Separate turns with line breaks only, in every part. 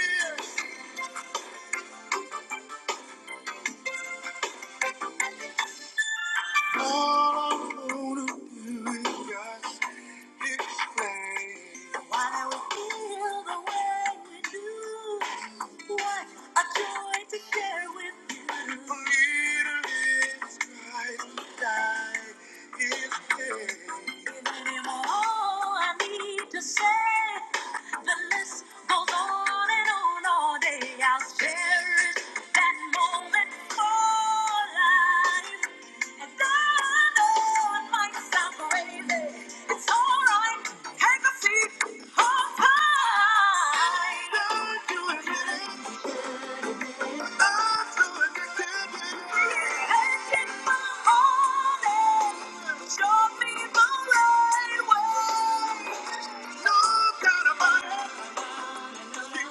All I wanna do is just explain why we feel the way we do. What a joy to share with you. For me to live is Christ, to die is gain. Giving him all I need to say. The list goes on and on all day. I'll cherish that moment for life. And I know it might sound crazy. It's alright. Take a seat. Hold tight. Don't do it, really. I'm so addicted. Taking my heart and show me the right way. No doubt about it. Addictive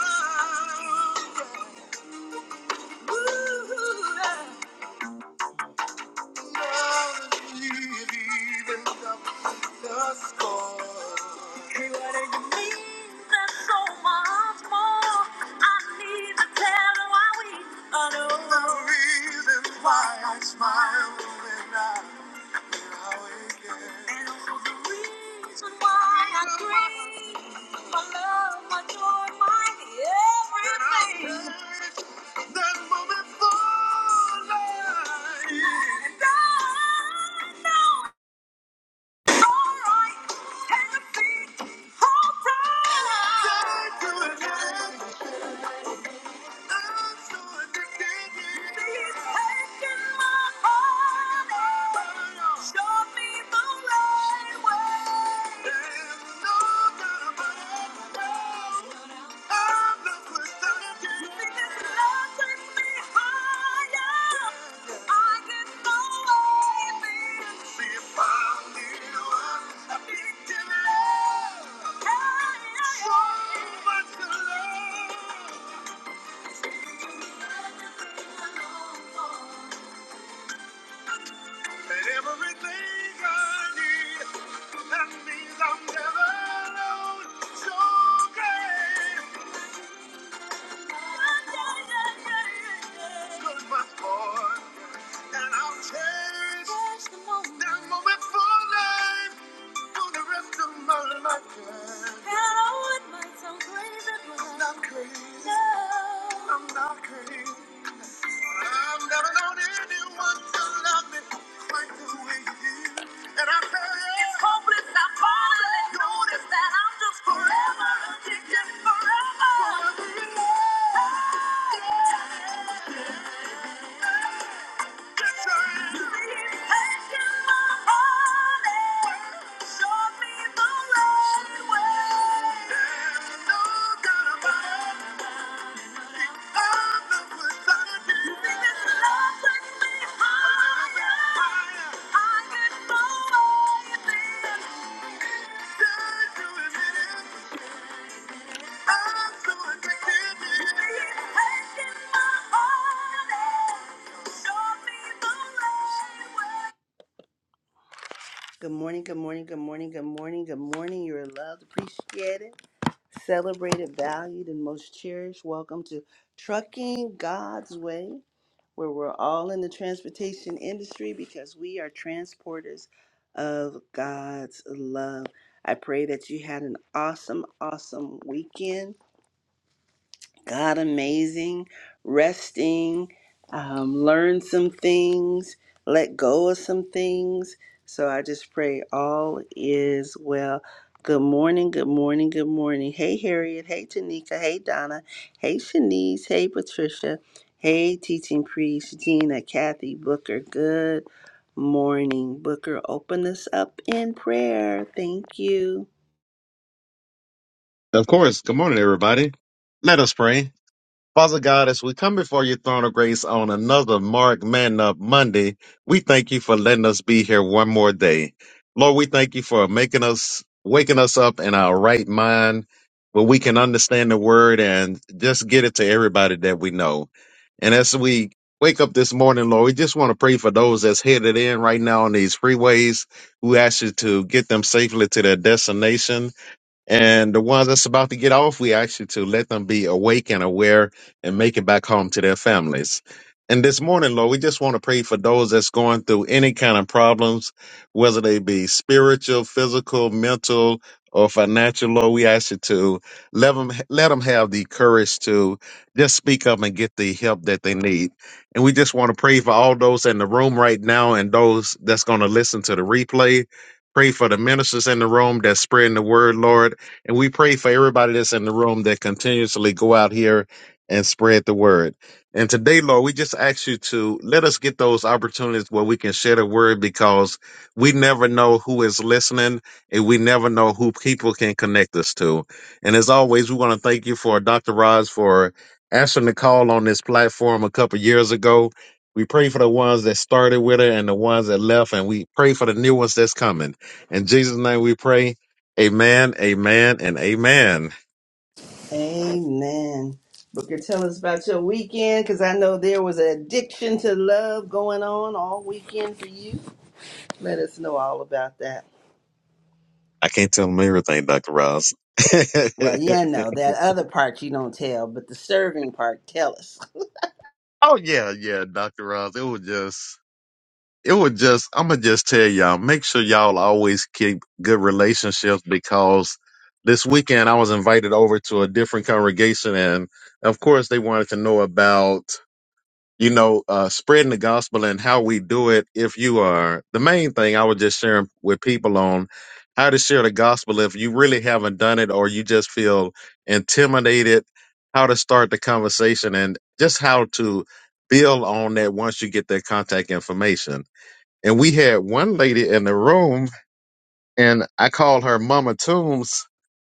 love. Ooh, Why I Smile when I and also the reason why I pray, my love, my joy, my everything. That moment for life. And I know it's alright, healthy, alright so much Yeah. And everything I need, that means I'm never alone. So great. Good my boy. And I'll cherish that moment for life, for the rest of my life. I'm not crazy. I'm not crazy. I've never known anyone to love me quite the way you do. And I tell you, it's hopeless. I'm falling. Notice that I'm just forever addicted, forever. Forever in love. Get your hands. He's Taking my heart. Show me the right way. There's no doubt about it. Good morning, good morning, good morning, good morning, good morning. You're loved, appreciated, celebrated, valued, and most cherished. Welcome to Trucking God's Way. where we're all in the transportation industry because we are transporters of God's love. I pray that you had an awesome, awesome weekend God amazing, resting, um, learn some things, let go of some things. So I just pray all is well. Good morning, good morning, good morning. Hey, Harriet. Hey, Tanika. Hey, Donna. Hey, Shanice. Hey, Patricia. Hey, teaching priest Gina, Kathy, Booker. Good morning, Booker. Open us up in prayer. Thank you.
Of course. Good morning, everybody. Let us pray. Father God, as we come before your throne of grace on another Mark Man Up Monday, we thank you for letting us be here one more day. Lord, we thank you for making us, waking us up in our right mind where we can understand the word and just get it to everybody that we know. And as we wake up this morning, Lord, we just want to pray for those that's headed in right now on these freeways We ask you to get them safely to their destination. And the ones that's about to get off, we ask you to let them be awake and aware and make it back home to their families. And this morning, Lord, we just want to pray for those that's going through any kind of problems, whether they be spiritual, physical, mental, or financial. Lord, we ask you to let them, let them have the courage to just speak up and get the help that they need. And we just want to pray for all those in the room right now and those that's going to listen to the replay. Pray for the ministers in the room that's spreading the word, Lord and we pray for everybody that's in the room that continuously go out here and spread the word. And today, Lord, we just ask you to let us get those opportunities where we can share the word because we never know who is listening and we never know who people can connect us to. And as always, we want to thank you for Dr. Roz for answering the call on this platform a couple years ago. We pray for the ones that started with her and the ones that left, and we pray for the new ones that's coming. In Jesus' name we pray. Amen, amen, and amen.
Amen. Booker, tell us about your weekend because I know there was an addiction to love going on all weekend for you. Let us know all about that.
I can't tell them everything, Dr. Ross.
Well, yeah, no, that other part you don't tell, but the serving part, tell us.
oh yeah, yeah, Dr. Ross. It was just it was just I'ma just tell y'all, make sure y'all always keep good relationships because this weekend I was invited over to a different congregation and of course they wanted to know about you know, uh, spreading the gospel and how we do it. If you are the main thing, I was just sharing with people on how to share the gospel. If you really haven't done it or you just feel intimidated, how to start the conversation and just how to build on that once you get that contact information. And we had one lady in the room and I called her Mama Toombs.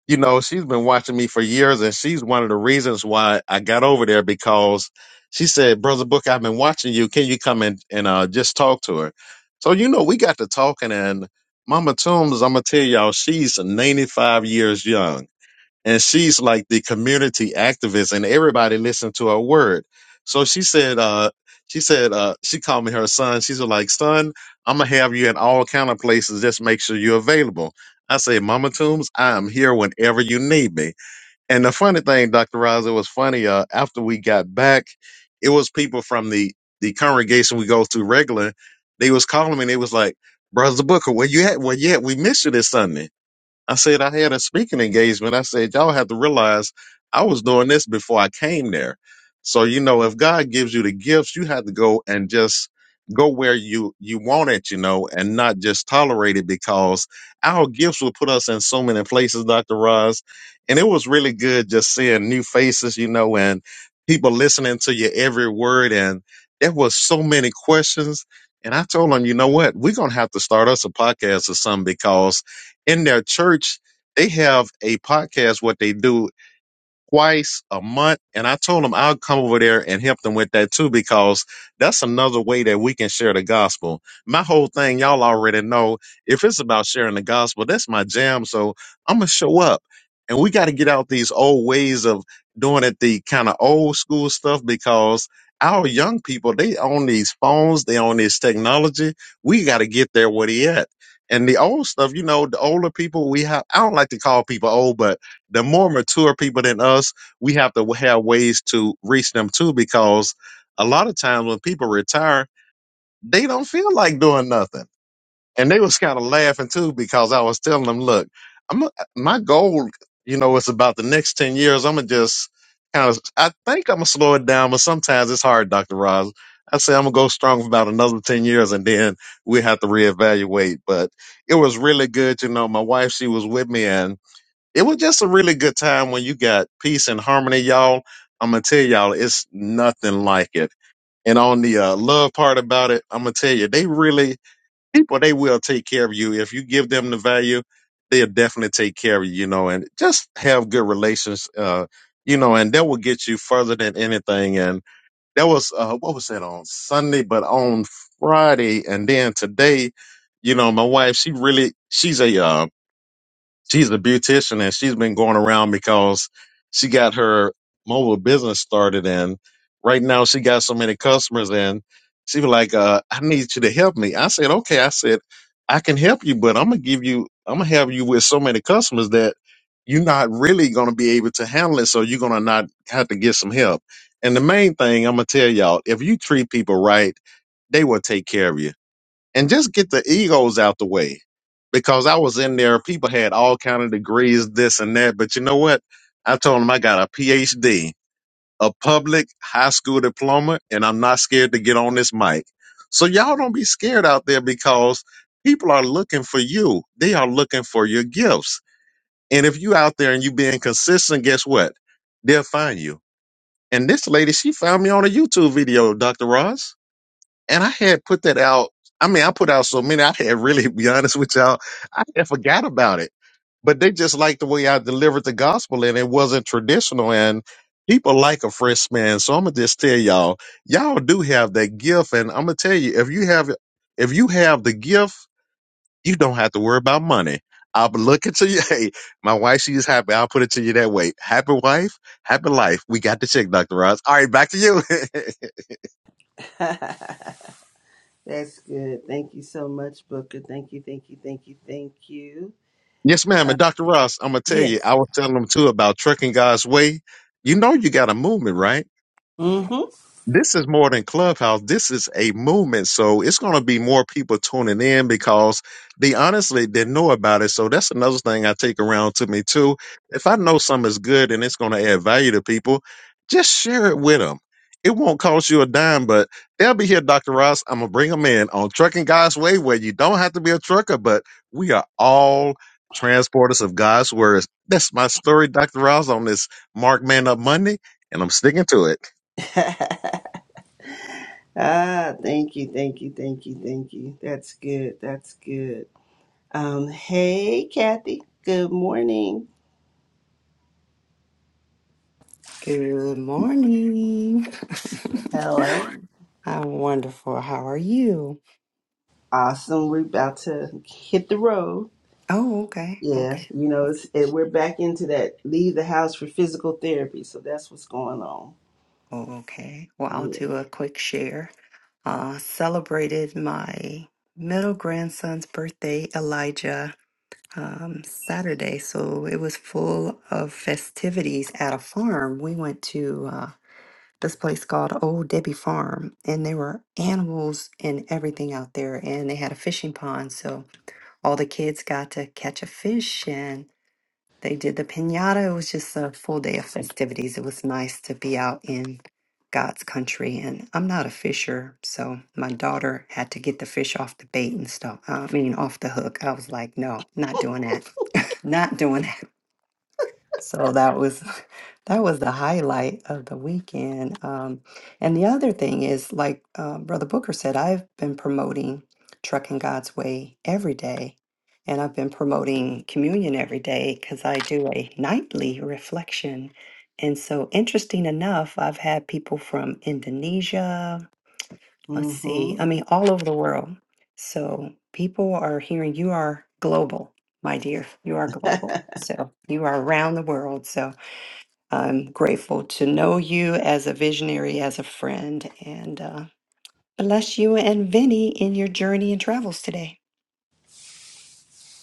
You know, she's been watching me for years, and she's one of the reasons why I got over there because she said, "Brother Book, I've been watching you. Can you come in and uh, just talk to her?" So you know, we got to talking, and Mama Toombs, I'm gonna tell y'all, she's 95 years young and she's like the community activist and everybody listened to her word so she said uh she said uh she called me her son she's like son i'm gonna have you in all kind of places just make sure you're available i say mama Toombs, i am here whenever you need me and the funny thing dr Roz, it was funny uh after we got back it was people from the the congregation we go to regular they was calling me and they was like brother booker where you at where you at we missed you this sunday I said I had a speaking engagement. I said y'all have to realize I was doing this before I came there. So you know, if God gives you the gifts, you have to go and just go where you you want it, you know, and not just tolerate it because our gifts will put us in so many places, Dr. Roz. And it was really good just seeing new faces, you know, and people listening to your every word. And there was so many questions. And I told them, you know what, we're gonna have to start us a podcast or something because in their church, they have a podcast. What they do twice a month. And I told them I'll come over there and help them with that too, because that's another way that we can share the gospel. My whole thing, y'all already know, if it's about sharing the gospel, that's my jam. So I'm going to show up. And we got to get out these old ways of doing it, the kind of old school stuff, because our young people, they own these phones, they own this technology. We got to get there where they at. And the old stuff, you know, the older people we have, I don't like to call people old, but the more mature people than us, we have to have ways to reach them too, because a lot of times when people retire, they don't feel like doing nothing. And they was kind of laughing too, because I was telling them, look, I'm a- my goal, you know, it's about the next 10 years. I'm gonna just kind of, I think I'm gonna slow it down, but sometimes it's hard, Dr. Roz. I say I'm gonna go strong for about another 10 years and then we have to reevaluate. But it was really good. You know, my wife, she was with me and it was just a really good time when you got peace and harmony, y'all. I'm gonna tell y'all, it's nothing like it. And on the uh, love part about it, I'm gonna tell you, they really people they will take care of you if you give them the value. They'll definitely take care of you, you know, and just have good relations, uh, you know, and that will get you further than anything. And that was uh, what was that on Sunday, but on Friday, and then today, you know, my wife, she really, she's a um she's a beautician and she's been going around because she got her mobile business started and right now she got so many customers and she was like uh, i need you to help me i said okay i said i can help you but i'm gonna give you i'm gonna have you with so many customers that you're not really gonna be able to handle it so you're gonna not have to get some help and the main thing i'm gonna tell y'all if you treat people right they will take care of you and just get the egos out the way because I was in there. People had all kind of degrees, this and that. But you know what? I told them I got a PhD, a public high school diploma, and I'm not scared to get on this mic. So y'all don't be scared out there because people are looking for you. They are looking for your gifts. And if you out there and you being consistent, guess what? They'll find you. And this lady, she found me on a YouTube video, Dr. Ross. And I had put that out. I mean, I put out so many, I had really be honest with y'all, I had forgot about it. But they just liked the way I delivered the gospel and it wasn't traditional and people like a fresh man. So I'm gonna just tell y'all, y'all do have that gift and I'm gonna tell you, if you have if you have the gift, you don't have to worry about money. I'll be looking to you. Hey, my wife, she is happy. I'll put it to you that way. Happy wife, happy life. We got the check, Dr. Ross. All right, back to you.
That's good. Thank you so much, Booker. Thank you, thank you, thank you, thank you.
Yes, ma'am.
Uh,
And Dr. Ross, I'm gonna tell you,
yes.
I was telling them too about trucking God's way. You know you got a movement, right?
Mm-hmm.
this is more than clubhouse this is a movement so it's going to be more people tuning in because they honestly didn't know about it so that's another thing i take around to me too if i know something is good and it's going to add value to people just share it with them it won't cost you a dime but they'll be here dr ross i'm going to bring them in on trucking god's way where you don't have to be a trucker but we are all transporters of god's words that's my story dr ross on this mark man up monday and i'm sticking to it
ah, thank you, thank you, thank you, thank you. That's good. That's good. Um, hey, Kathy. Good morning.
Good morning.
All right.
I'm wonderful. How are you?
Awesome. We're about to hit the road.
Oh, okay.
Yeah,
Okay.
you know, it's it, we're back into that leave the house for physical therapy. So that's what's going on.
Oh, okay. Well, I'll
Yeah.
do a quick share. Uh, celebrated my middle grandson's birthday, Elijah, um, Saturday. So it was full of festivities at a farm. We went to uh, this place called Old Debbie Farm, and there were animals and everything out there. And they had a fishing pond. So all the kids got to catch a fish and. They did the pinata. It was just a full day of festivities. It was nice to be out in God's country. And I'm not a fisher, so my daughter had to get the fish off the bait and stuff. I mean, off the hook. I was like, no, not doing that. Not doing so that was that was the highlight of the weekend. Um, and the other thing is, like uh, Brother Booker said, I've been promoting Trucking God's Way every day, and I've been promoting communion every day because I do a nightly reflection. And so, interesting enough, I've had people from Indonesia, let's
Mm-hmm.
see, I mean, all over the world. So people are hearing you are global, my dear. You are global. So you are around the world. So I'm grateful to know you as a visionary, as a friend, and uh, bless you and Vinny in your journey and travels today.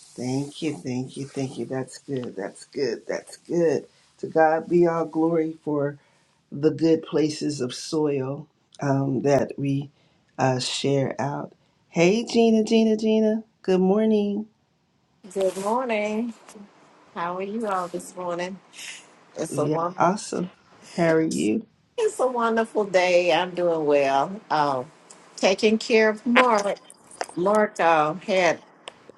Thank you, thank you, thank you. That's good. That's good. That's good. To God be all glory for the good places of soil um, that we uh, share out. Hey, Gina, Gina, Gina. Good morning.
Good morning. How are you all this morning? It's a
Yeah,
one.
awesome. How are you?
It's a wonderful day. I'm doing well. Um, taking care of Mark. Mark uh, had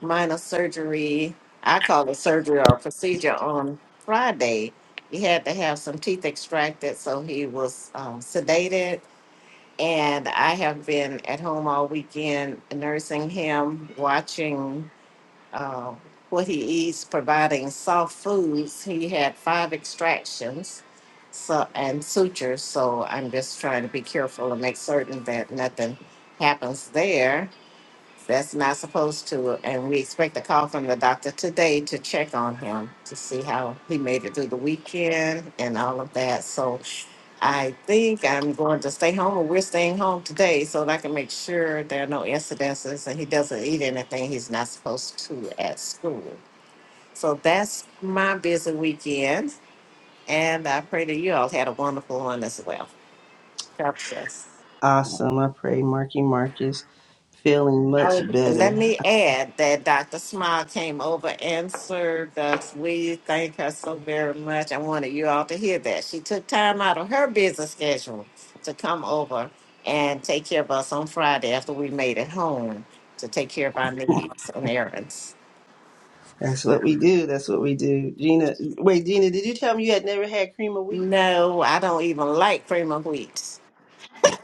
minor surgery. I call it surgery or procedure on Friday. He had to have some teeth extracted, so he was um, sedated. And I have been at home all weekend nursing him, watching um, what he eats, providing soft foods. He had five extractions so, and sutures, so I'm just trying to be careful and make certain that nothing happens there. That's not supposed to. And we expect a call from the doctor today to check on him to see how he made it through the weekend and all of that. So I think I'm going to stay home, or we're staying home today, so that I can make sure there are no incidences and he doesn't eat anything he's not supposed to at school. So that's my busy weekend, and I pray that you all had a wonderful one as well. God bless.
Awesome. I pray Marky Marcus feeling much
I, let
better.
me add that Dr. Smile came over and served us. We thank her so very much. I wanted you all to hear that. She took time out of her busy schedule to come over and take care of us on Friday after we made it home to take care of our needs and errands.
That's what we do. That's what we do. Gina, wait, Gina, did you tell me you had never had cream of wheat?
No, I don't even like cream of wheat.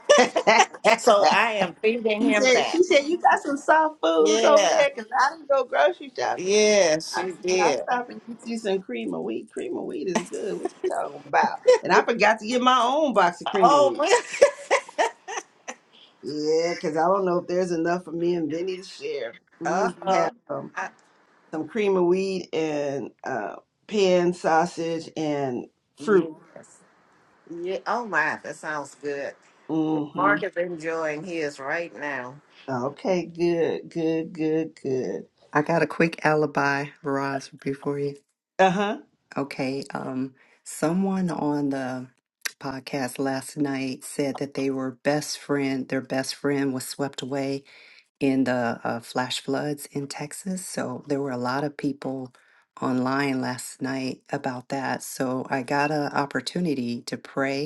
she said,
So I am feeding him that.
she said, you got some soft foods over
Yeah,
there because I didn't go grocery shopping.
yeah,
I
she
said, I'll
did.
stop and get you some cream of wheat. Cream of wheat is good. What you talking about? And I forgot to get my own box of cream of
Oh,
wheat. Yeah, because I don't know if there's enough for me and Vinny to share. We usually
Uh-huh.
have some. some cream of wheat and uh, pan sausage and fruit.
yes. Yeah. Oh my, that sounds good.
hmm
Mark is enjoying his right now.
Okay, good, good, good, good.
I got a quick alibi, Roz, for you.
Uh huh.
Okay, um, someone on the podcast last night said that they were best friend. Their best friend was swept away in the uh, flash floods in Texas. So there were a lot of people online last night about that. So I got an opportunity to pray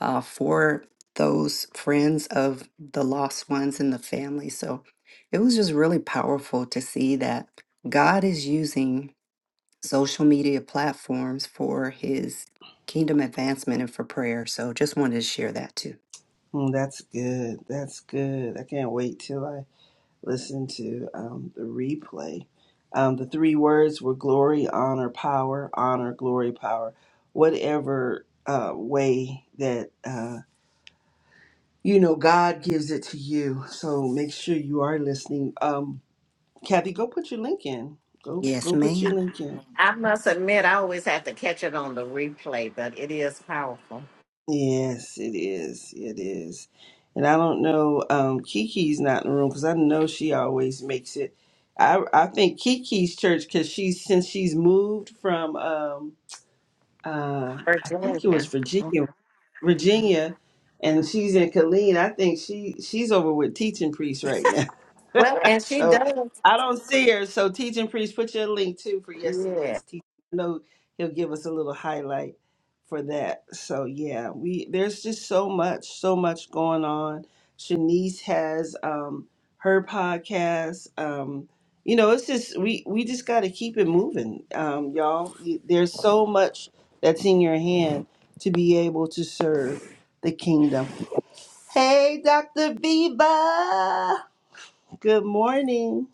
uh, for those friends of the lost ones in the family. So it was just really powerful to see that God is using social media platforms for his kingdom advancement and for prayer. So just wanted to share that too.
that's good. That's good. I can't wait till I listen to um, the replay. Um, the three words were glory, honor, power. Honor, glory, power. Whatever uh, way that uh, you know God gives it to you. So make sure you are listening. Um, Kathy, go put your link in. Go
Yes,
go put
ma'am.
your link in.
I must admit, I always have to catch it on the replay, but it is powerful.
Yes, it is. It is. And I don't know. Um, Kiki's not in the room because I know she always makes it. I I think Kiki's church because she's since she's moved from um uh I think it was
Virginia.
Virginia.
Mhm.
Virginia, and she's in Killeen. I think she she's over with teaching priest right now.
Well, and she
so
does.
I don't see her. So teaching priest, put your link too for
Yeah.
yesterday's teaching. I know he'll give us a little highlight for that. So yeah, we there's just so much, so much going on. Shanice has um her podcast. Um you know it's just we we just got to keep it moving um y'all You- there's so much that's in your hand to be able to serve the kingdom hey dr viva good morning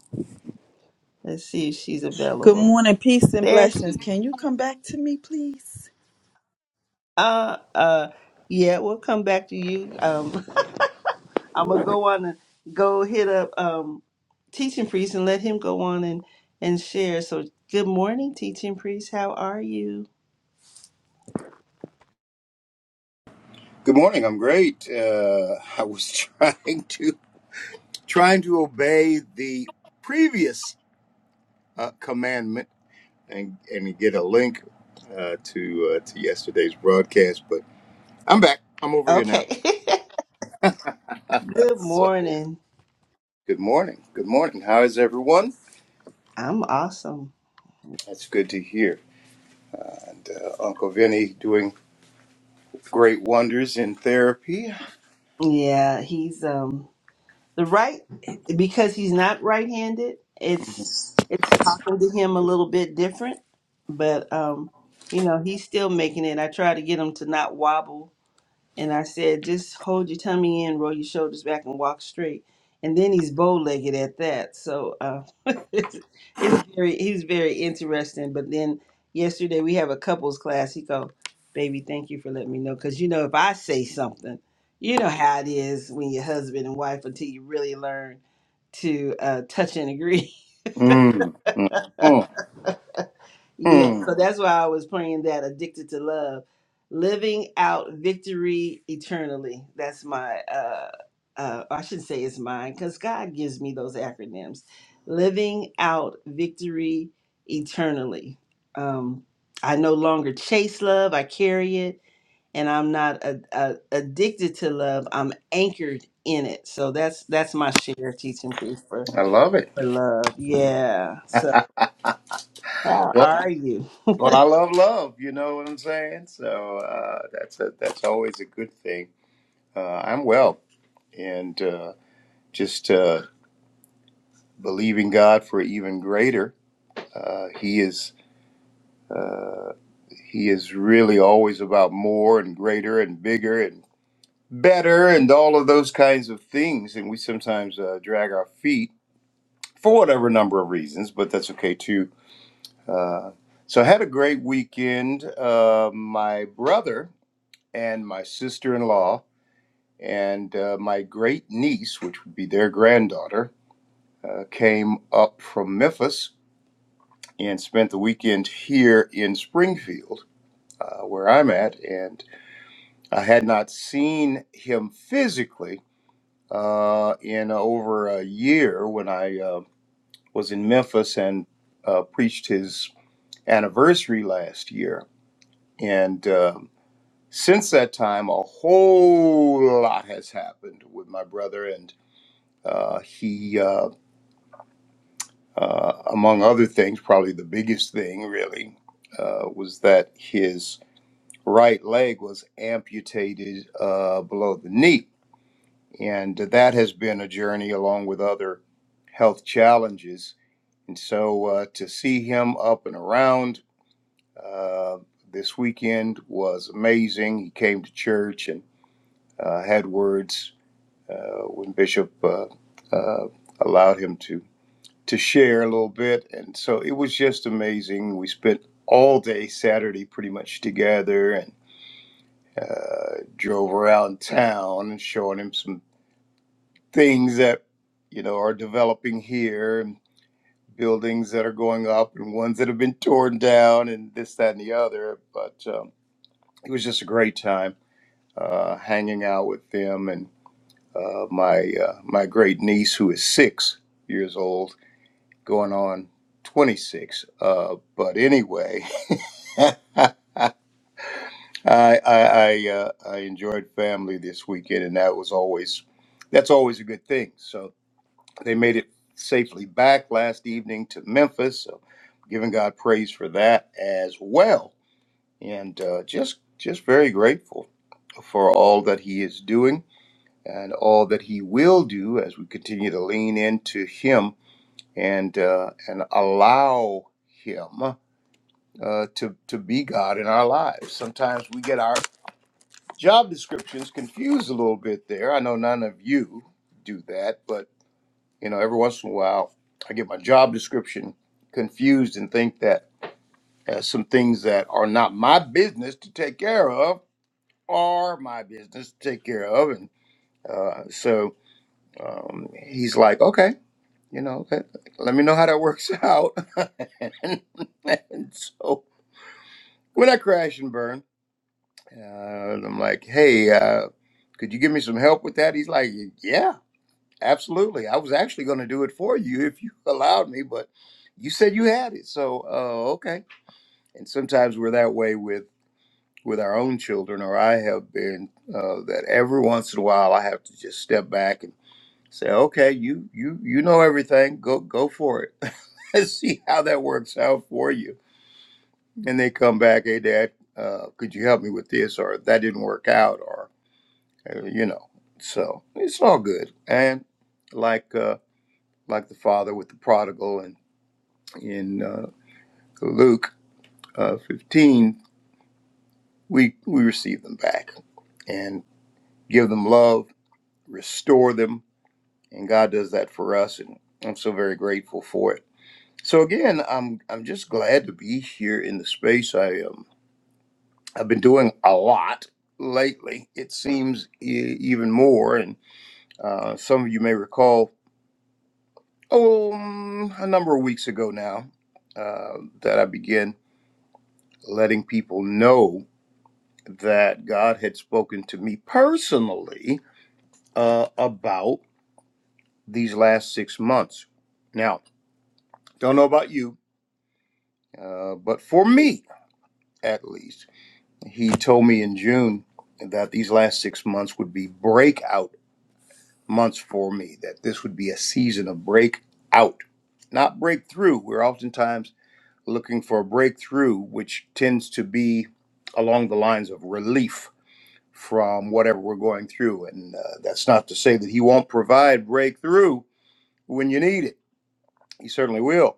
let's see if she's
Good
available
morning, peace and
there she
blessings.
is.
Can you come back to me, please?
uh uh yeah we'll come back to you um i'm gonna go on and go hit up um teaching priest and let him go on and and share so good morning teaching priest how are you
Good morning. I'm great. Uh, I was trying to trying to obey the previous uh, commandment and and get a link uh, to uh, to yesterday's broadcast, but I'm back. I'm over here now.
okay Good
So,
morning.
good morning. Good morning. How is everyone?
I'm awesome.
That's good to hear. And uh, Uncle Vinny doing great wonders in therapy.
Yeah, he's um the right because he's not right-handed. It's it's talking to him a little bit different, but um you know, he's still making it. I try to get him to not wobble And I said, just hold your tummy in, roll your shoulders back, and walk straight. And then he's bow legged at that. So uh, it's, it's very, he's very interesting. But then yesterday we have a couples class. He go, baby, thank you for letting me know. Because you know, if I say something, you know how it is when you're husband and wife until you really learn to uh, touch and agree.
Mm. Mm.
Yeah,
Mm.
so that's why I was playing that addicted to love, living out victory eternally. That's my uh uh I shouldn't say it's mine cuz God gives me those acronyms. Living out victory eternally. Um I no longer chase love, I carry it and I'm not a, a, addicted to love. I'm anchored in it. So that's that's my share teaching priest for
I love it.
for love. Yeah. So how
Well.
are you?
Well, I love love. You know what I'm saying? So uh, that's a, that's always a good thing. Uh, I'm well, and uh, just uh, believing God for even greater. Uh, he is He is really always about more and greater and bigger and better and all of those kinds of things. And we sometimes uh, drag our feet for whatever number of reasons, but that's okay too. Uh, so I had a great weekend. Uh, my brother and my sister-in-law and uh, my great niece, which would be their granddaughter, uh, came up from Memphis and spent the weekend here in Springfield, uh, where I'm at. And I had not seen him physically uh, in over a year when I uh, was in Memphis and uh, preached his anniversary last year. And um since that time, a whole lot has happened with my brother and uh, he. Uh, Uh, among other things, probably the biggest thing really uh, was that his right leg was amputated uh, below the knee. And that has been a journey along with other health challenges. And so uh, to see him up and around uh, this weekend was amazing. He came to church and uh, had words uh, when Bishop uh, uh, allowed him to to share a little bit. And so it was just amazing. We spent all day Saturday pretty much together and uh, drove around town and showing him some things that, you know, are developing here and buildings that are going up and ones that have been torn down and this, that, and the other. But um, it was just a great time uh, hanging out with them and uh, my uh, my great niece who is six years old going on 26. Uh, but anyway, I I I, uh, I enjoyed family this weekend, and that was always that's always a good thing. So they made it safely back last evening to Memphis. So giving God praise for that as well, and uh, just just very grateful for all that He is doing and all that He will do as we continue to lean into Him and uh, and allow Him. uh, to to be God in our lives. Sometimes we get our job descriptions confused a little bit. There, I know none of you do that, but you know, every once in a while, I get my job description confused and think that uh, some things that are not my business to take care of are my business to take care of, and uh, so um, he's like, okay. You know, let, let me know how that works out. and and so when I crash and burn. Uh, and I'm like, hey, uh, could you give me some help with that? He's like, yeah, absolutely. I was actually going to do it for you if you allowed me, but you said you had it, so uh, okay. And sometimes we're that way with with our own children, or I have been uh, that every once in a while I have to just step back and say, okay, you you you know everything. Go go for it. Let's see how that works out for you. And they come back, hey, Dad, uh, could you help me with this? Or that didn't work out, uh, you know so it's all good and like uh like the father with the prodigal and in uh, luke uh, 15 we we receive them back and give them love restore them and god does that for us and i'm so very grateful for it so again i'm i'm just glad to be here in the space i um i've been doing a lot lately it seems e- even more and uh, some of you may recall oh, um, a number of weeks ago now, uh, that I began letting people know that God had spoken to me personally uh, about these last six months. Now, don't know about you, uh, but for me at least, He told me in June that these last six months would be breakout months for me, that this would be a season of breakout. Not breakthrough. We're oftentimes looking for a breakthrough, which tends to be along the lines of relief from whatever we're going through. And uh, that's not to say that he won't provide breakthrough when you need it, he certainly will.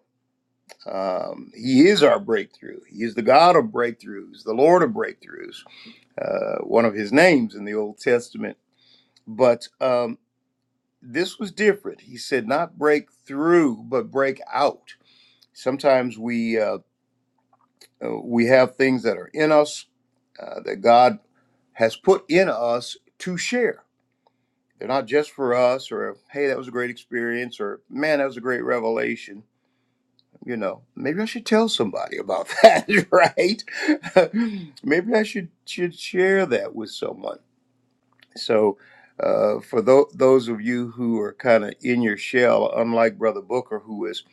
Um, he is our breakthrough. He is the God of breakthroughs, the Lord of breakthroughs, uh, one of his names in the Old Testament. But um, this was different. He said, not break through, but break out. Sometimes we. Uh, Uh, we have things that are in us uh, that God has put in us to share. They're not just for us or, hey, that was a great experience or, man, that was a great revelation. You know, maybe I should tell somebody about that, right? maybe I should, should share that with someone. So, uh, for tho- those of you who are kind of in your shell, unlike Brother Booker, who is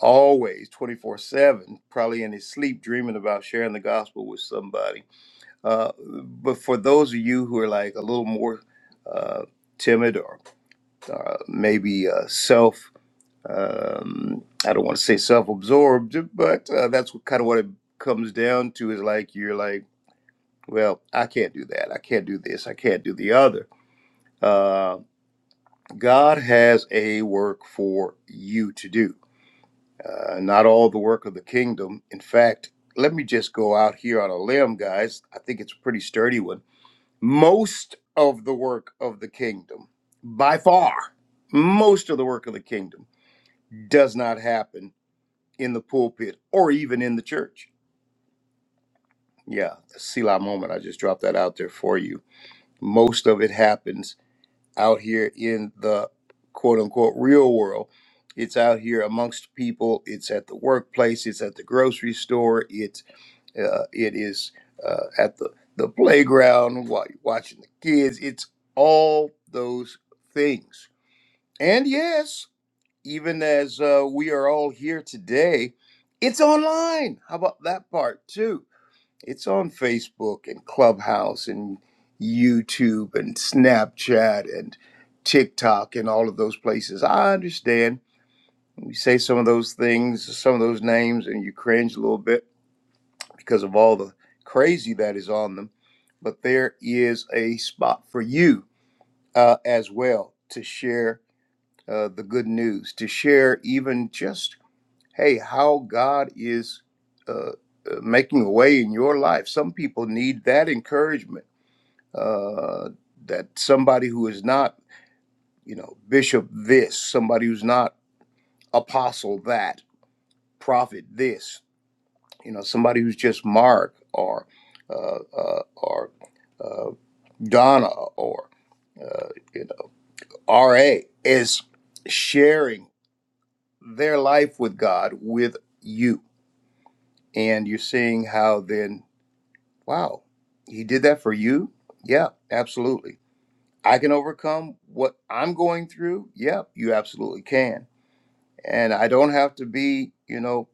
always 24 7, probably in his sleep, dreaming about sharing the gospel with somebody Uh, but for those of you who are like a little more uh, timid or uh, maybe uh, self, um, I don't want to say self absorbed, but uh, that's what, kind of what it comes down to is like you're like, well, I can't do that. I can't do this. I can't do the other. Uh, God has a work for you to do, uh, not all the work of the kingdom. In fact, let me just go out here on a limb, guys. I think it's a pretty sturdy one most of the work of the kingdom, by far, most of the work of the kingdom does not happen in the pulpit or even in the church. Yeah, the Selah moment. I just dropped that out there for you. Most of it happens out here in the quote unquote real world. It's out here amongst people, it's at the workplace, it's at the grocery store, It's Uh, it is uh, at the, the playground while you're watching the kids. It's all those things. And yes, even as uh, we are all here today, it's online. How about that part too? It's on Facebook and Clubhouse and YouTube and Snapchat and TikTok and all of those places. I understand. We say some of those things, some of those names, and you cringe a little bit because of all the crazy that is on them. But there is a spot for you uh, as well to share uh, the good news, to share even just, hey, how God is uh, uh, making a way in your life. Some people need that encouragement uh, that somebody who is not, you know, bishop this, somebody who's not apostle that, prophet this, you know, somebody who's just Mark or uh, uh, or uh, Donna or uh, you know, RA is sharing their life with God with you. And you're seeing how then, wow, he did that for you? Yeah, absolutely. I can overcome what I'm going through? Yeah, you absolutely can. And I don't have to be, you know,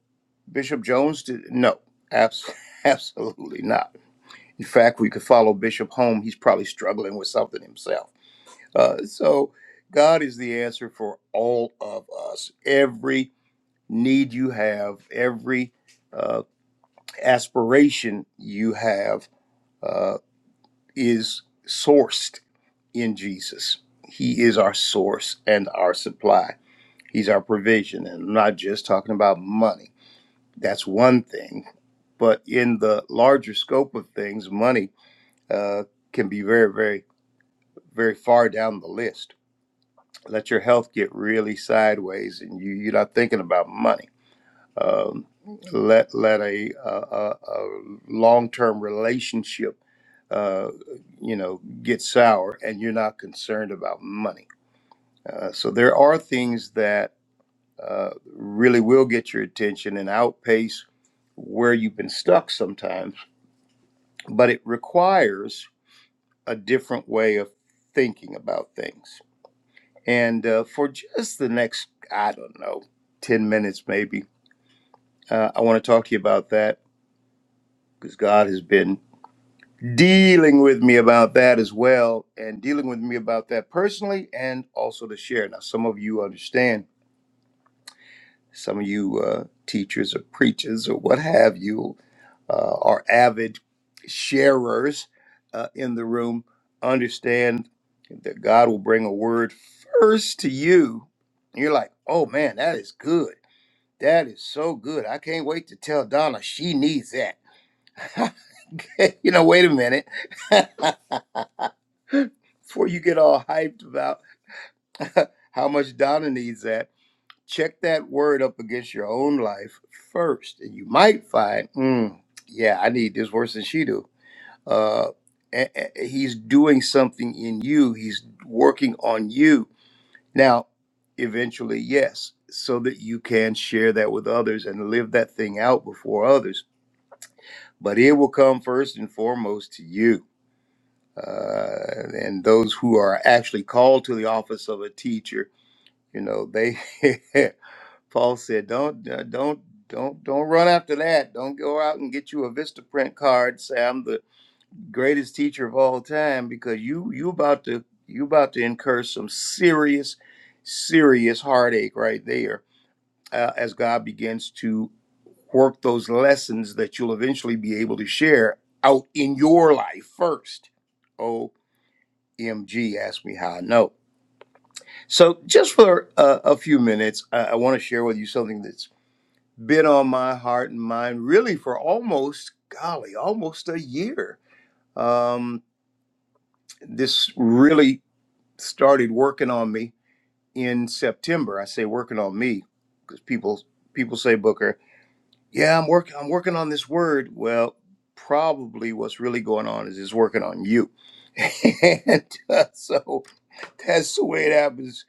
Bishop Jones to, no, abs- absolutely not. In fact, we could follow Bishop home. He's probably struggling with something himself Uh, so God is the answer for all of us. Every need you have, every uh, aspiration you have uh, is sourced in Jesus. He is our source and our supply. He's our provision. And I'm not just talking about money. That's one thing. But in the larger scope of things, money uh, can be very, very, very far down the list let your health get really sideways and you, you're not thinking about money. Um, let let a, a, a, long term relationship, uh, you know, get sour and you're not concerned about money. Uh, so there are things that uh, really will get your attention and outpace where you've been stuck sometimes, but it requires a different way of thinking about things. And uh, for just the next, I don't know, 10 minutes maybe, uh, I want to talk to you about that because God has been dealing with me about that as well and dealing with me about that personally and also to share. Now, some of you understand, some of you uh, teachers or preachers or what have you uh, are avid sharers uh, in the room, understand that God will bring a word first to you. And you're like, oh man, that is good That is so good. I can't wait to tell Donna she needs that. you know, wait a minute. Before you get all hyped about how much Donna needs that, check that word up against your own life first, and you might find, mm, yeah, I need this worse than she do. Uh, a- a- he's doing something in you. He's working on you now, eventually, yes, so that you can share that with others and live that thing out before others. But it will come first and foremost to you. Uh, and those who are actually called to the office of a teacher, you know, they, Paul said, don't, uh, don't, don't, don't run after that. Don't go out and get you a VistaPrint card. Say I'm the greatest teacher of all time because you, you about to, you about to incur some serious, serious heartache right there uh, as God begins to work those lessons that you'll eventually be able to share out in your life first. OMG, ask me how I know. So, just for uh, a few minutes, I, I want to share with you something that's been on my heart and mind really for almost, golly, almost a year. Um, this really started working on me in September. I say working on me because people people say Booker. Yeah, I'm working I'm working on this word. Well, probably what's really going on is it's working on you. and uh, so that's the way it happens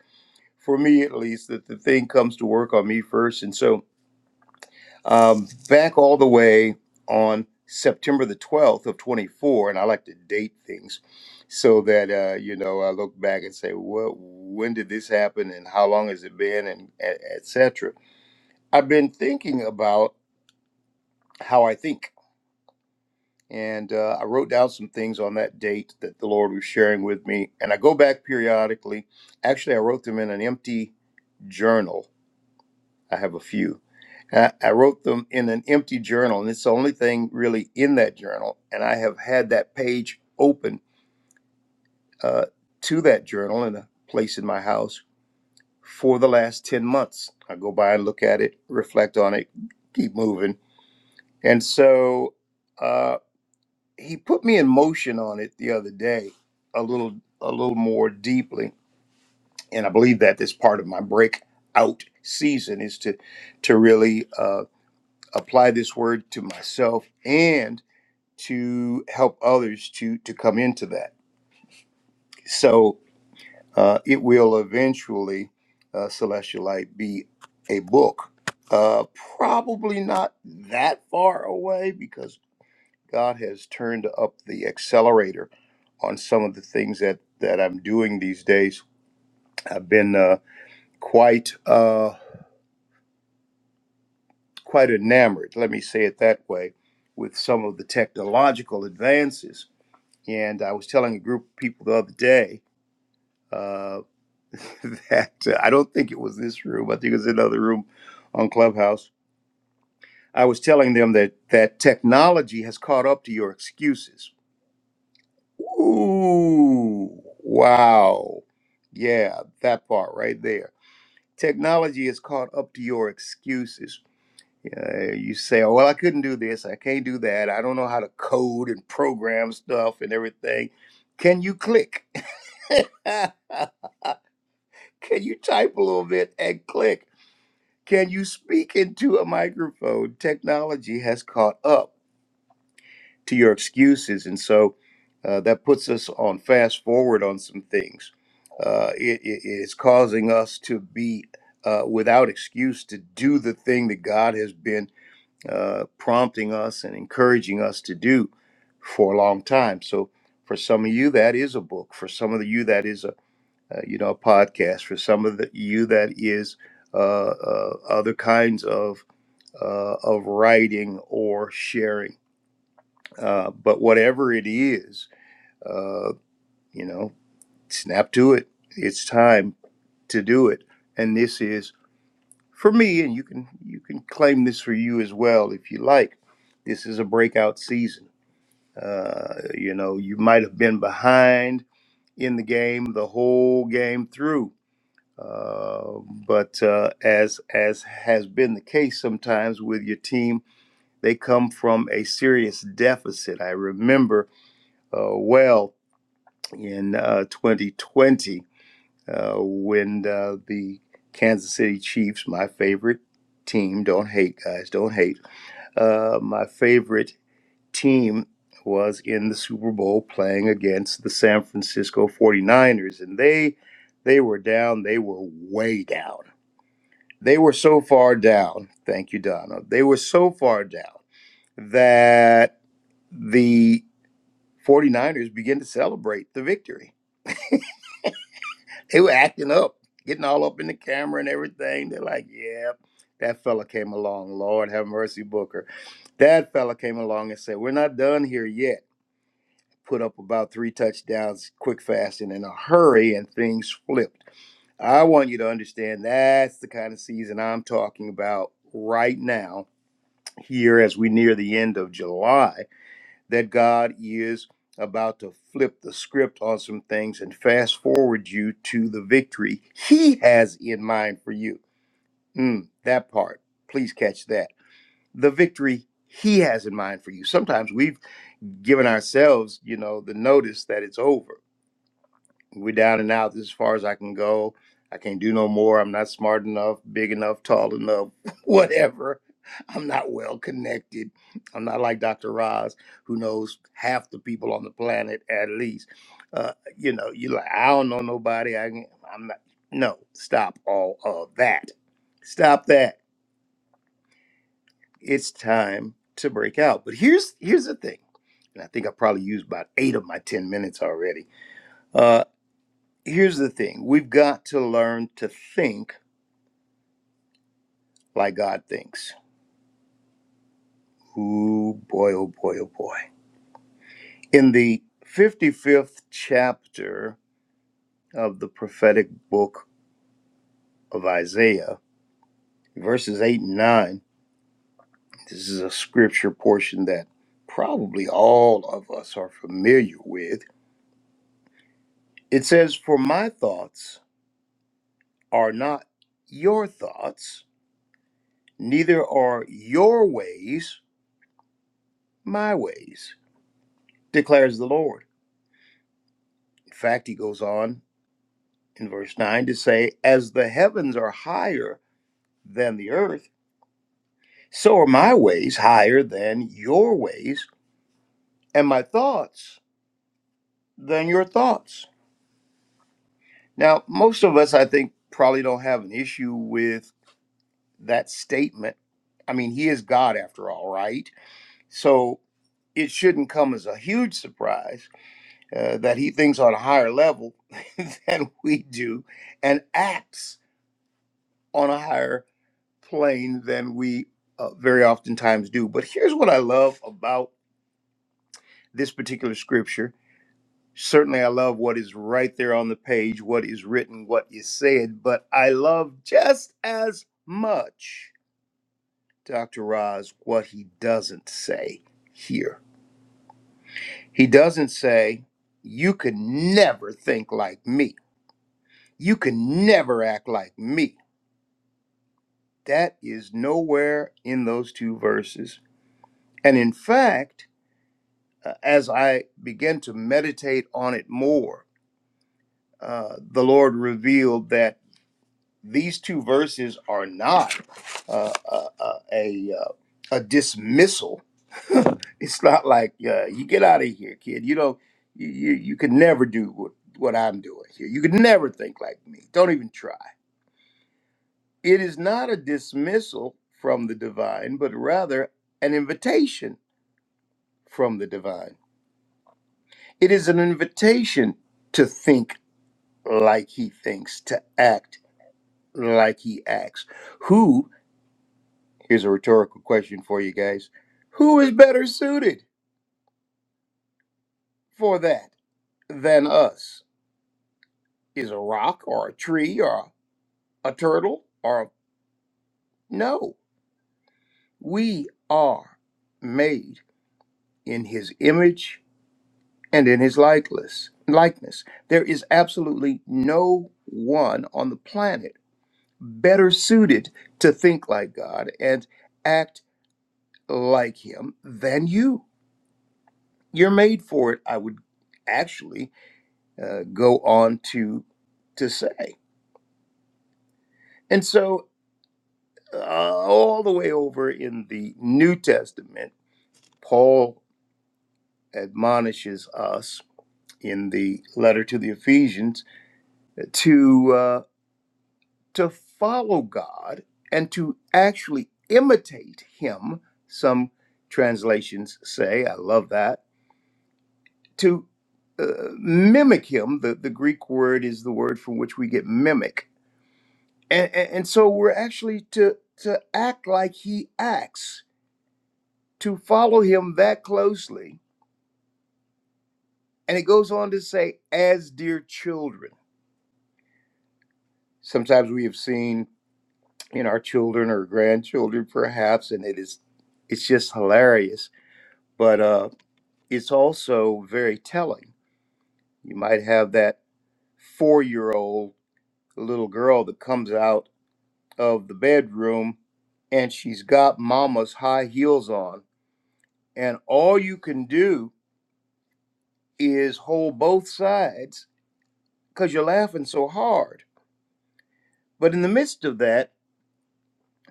for me at least that the thing comes to work on me first. And so um back all the way on September the 12th of 24 and I like to date things so that uh you know I look back and say well when did this happen and how long has it been and et et cetera. I've been thinking about how I think And uh, I wrote down some things on that date that the Lord was sharing with me. And I go back periodically. Actually, I wrote them in an empty journal. I have a few. I I wrote them in an empty journal, and it's the only thing really in that journal. And I have had that page open uh, to that journal in a place in my house for the last 10 months. I go by and look at it, reflect on it, keep moving. And so uh, he put me in motion on it the other day a little a little more deeply and i believe that this part of my breakout season is to to really uh, apply this word to myself and to help others to to come into that so uh, it will eventually uh, celestial light be a book uh, probably not that far away because God has turned up the accelerator on some of the things that that I'm doing these days. I've been uh, quite uh, quite enamored, let me say it that way, with some of the technological advances. And I was telling a group of people the other day uh, that uh, I don't think it was this room. I think it was another room on Clubhouse. I was telling them that that technology has caught up to your excuses Ooh, wow. Yeah, that part right there. Technology is caught up to your excuses. Uh, you say, oh, well, I couldn't do this. I can't do that. I don't know how to code and program stuff and everything. Can you click? Can you type a little bit and click? Can you speak into a microphone? Technology has caught up. to your excuses. And so uh, that puts us on fast forward on some things. Uh, it, it is causing us to be uh, without excuse to do the thing that God has been uh, prompting us and encouraging us to do for a long time. So for some of you, that is a book. For some of you, that is a uh, you know a podcast. For some of the, you, that is uh, uh, other kinds of uh, of writing or sharing uh, but whatever it is, uh, you know, snap to it. It's time to do it. And this is for me, and you can you can claim this for you as well if you like. This is a breakout season. Uh, you know, you might have been behind in the game the whole game through. Uh, but uh, as as has been the case sometimes with your team, they come from a serious deficit. I remember uh, well in uh, 2020 uh, when uh, the Kansas City Chiefs, my favorite team, don't hate, guys, don't hate, uh, my favorite team was in the Super Bowl playing against the San Francisco 49ers. And they, they were down, they were way down. They were so far down, thank you, Donna. They were so far down that the 49ers began to celebrate the victory They were acting up, getting all up in the camera and everything. They're like, yeah, that fella came along. Lord have mercy, Booker. That fella came along and said, we're not done here yet. Put up about three touchdowns quick, fast, and in a hurry, and things flipped. I want you to understand that's the kind of season I'm talking about right now, here as we near the end of July that God is about to flip the script on some things and fast forward you to the victory He has in mind for you. Mm, that part, please catch that. The victory He has in mind for you. Sometimes we've given ourselves, you know, the notice that it's over we're down and out. This is as far as I can go. I can't do no more. I'm not smart enough, big enough, tall enough, whatever. I'm not well connected. I'm not like Dr. Roz, who knows half the people on the planet at least. Uh, you know, you like I don't know nobody. I can, I'm not. No, stop all of that. Stop that. It's time to break out. But here's here's the thing, and I think I probably used about eight of my ten minutes already. Uh, here's the thing we've got to learn to think like God thinks. Ooh, boy, oh, boy, oh, boy. In the 55th chapter of the prophetic book of Isaiah, verses 8 and 9, this is a scripture portion that probably all of us are familiar with. It says, For my thoughts are not your thoughts, neither are your ways my ways, declares the Lord. In fact, he goes on in verse 9 to say, As the heavens are higher than the earth, so are my ways higher than your ways, and my thoughts than your thoughts. Now, most of us, I think, probably don't have an issue with that statement. I mean, he is God after all, right? So it shouldn't come as a huge surprise uh, that he thinks on a higher level than we do and acts on a higher plain than we uh, very oftentimes do. But here's what I love about this particular scripture. Certainly, I love what is right there on the page, what is written, what is said, but I love just as much, Dr. Roz, what he doesn't say here. He doesn't say, You could never think like me. You could never act like me. That is nowhere in those two verses. And in fact, Uh, as I began to meditate on it more, uh, the Lord revealed that these two verses are not uh, uh, uh, a uh, a dismissal. it's not like uh, you get out of here, kid. You know, You you, you could never do what what I'm doing here. You could never think like me. Don't even try. It is not a dismissal from the divine, but rather an invitation from the divine. It is an invitation to think like he thinks, to act like he acts. Who, here's a rhetorical question for you guys, who is better suited for that than us? Is a rock or a tree or a turtle or no? We are made in his image and in his likeness. Likeness. There is absolutely no one on the planet better suited to think like God and act like him than you. You're made for it, I would actually uh, go on to to say. And so, uh, all the way over in the New Testament, Paul admonishes us in the letter to the Ephesians to uh, to follow God and to actually imitate Him. Some translations say, "I love that." to uh, mimic him. The, the Greek word is the word from which we get mimic. And, and, and so we're actually to, to act like he acts, to follow him that closely. And it goes on to say, as dear children. Sometimes we have seen in our children or grandchildren, perhaps, and it is it's just hilarious, but uh, it's also very telling. You might have that four year old little girl that comes out of the bedroom and she's got mama's high heels on. And all you can do is hold both sides because you're laughing so hard. But in the midst of that,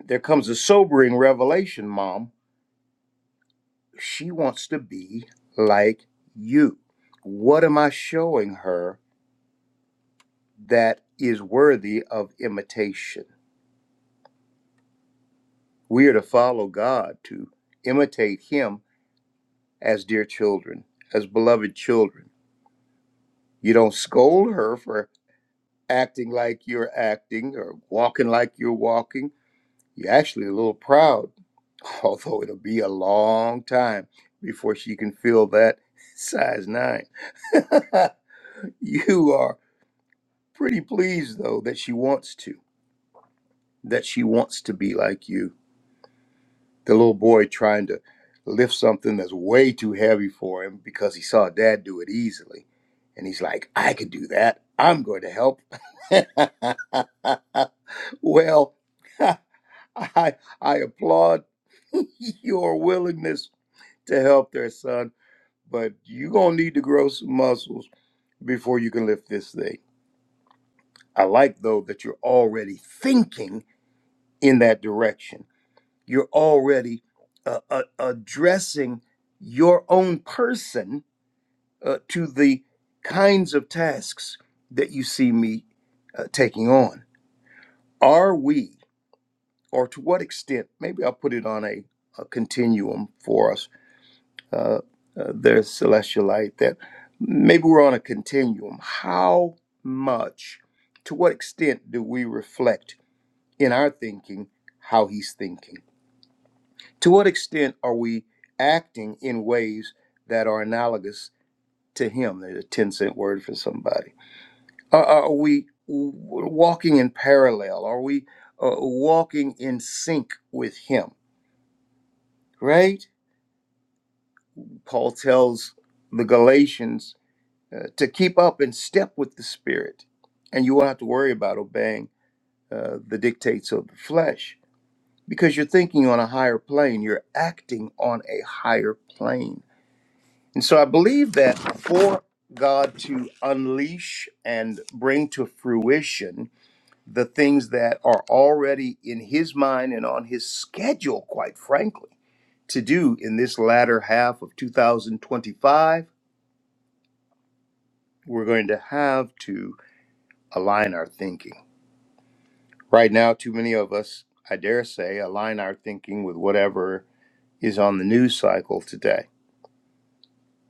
there comes a sobering revelation, mom. She wants to be like you. What am I showing her that is worthy of imitation? We are to follow God, to imitate Him as dear children, as beloved children You don't scold her for acting like you're acting or walking like you're walking. You're actually a little proud, although it'll be a long time before she can feel that size nine. you are pretty pleased, though, that she wants to, that she wants to be like you. the little boy trying to lift something that's way too heavy for him because he saw dad do it easily. And he's like, I can do that. I'm going to help. well, I, I applaud your willingness to help there, son, but you're going to need to grow some muscles before you can lift this thing. I like, though, that you're already thinking in that direction you're already uh, uh, addressing your own person uh, to the kinds of tasks that you see me uh, taking on. Are we, or to what extent, maybe I'll put it on a, a continuum for us, uh, uh, there's Celestialite, that maybe we're on a continuum. How much, to what extent do we reflect in our thinking how he's thinking? To what extent are we acting in ways that are analogous to Him? There's a 10 cent word for somebody. Are, are we walking in parallel? Are we uh, walking in sync with Him? Right? Paul tells the Galatians uh, to keep up and step with the Spirit, and you won't have to worry about obeying uh, the dictates of the flesh because you're thinking on a higher plane, you're acting on a higher plane And so I believe that for God to unleash and bring to fruition the things that are already in his mind and on his schedule, quite frankly, to do in this latter half of 2025, we're going to have to align our thinking. Right now, too many of us, I dare say, align our thinking with whatever is on the news cycle today,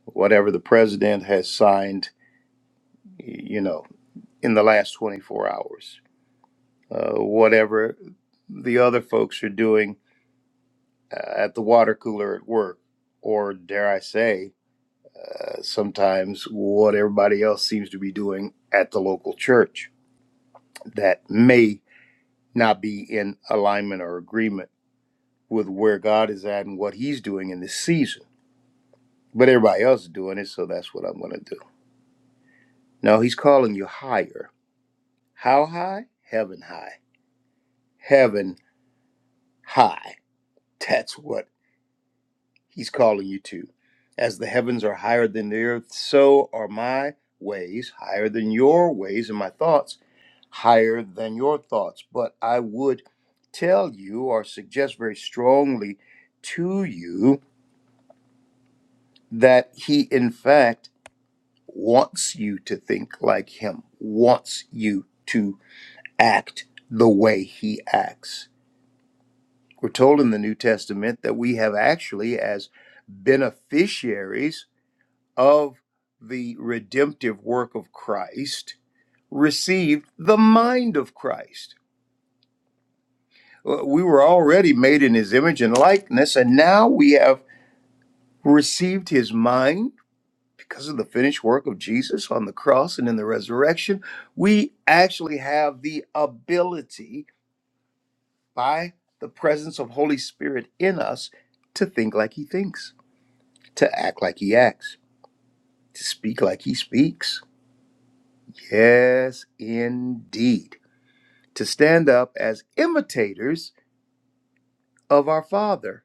whatever the president has signed, you know, in the last 24 hours uh, whatever the other folks are doing uh, at the water cooler at work, or dare I say, uh, sometimes what everybody else seems to be doing at the local church that may not be in alignment or agreement with where God is at and what He's doing in this season. But everybody else is doing it, so that's what I'm going to do. No, He's calling you higher. How high? Heaven high. Heaven high. That's what He's calling you to. As the heavens are higher than the earth, so are my ways higher than your ways, and my thoughts higher than your thoughts. But I would tell you or suggest very strongly to you that he, in fact, wants you to think like him, wants you to act the way he acts. We're told in the New Testament that we have actually, as beneficiaries, of the redemptive work of Christ received the mind of Christ. Uh, We were already made in his image and likeness, and now we have received his mind because of the finished work of Jesus on the cross and in the resurrection. We actually have the ability by the presence of Holy Spirit in us to think like he thinks, to act like he acts, to speak like he speaks. Yes, indeed. to stand up as imitators of our Father.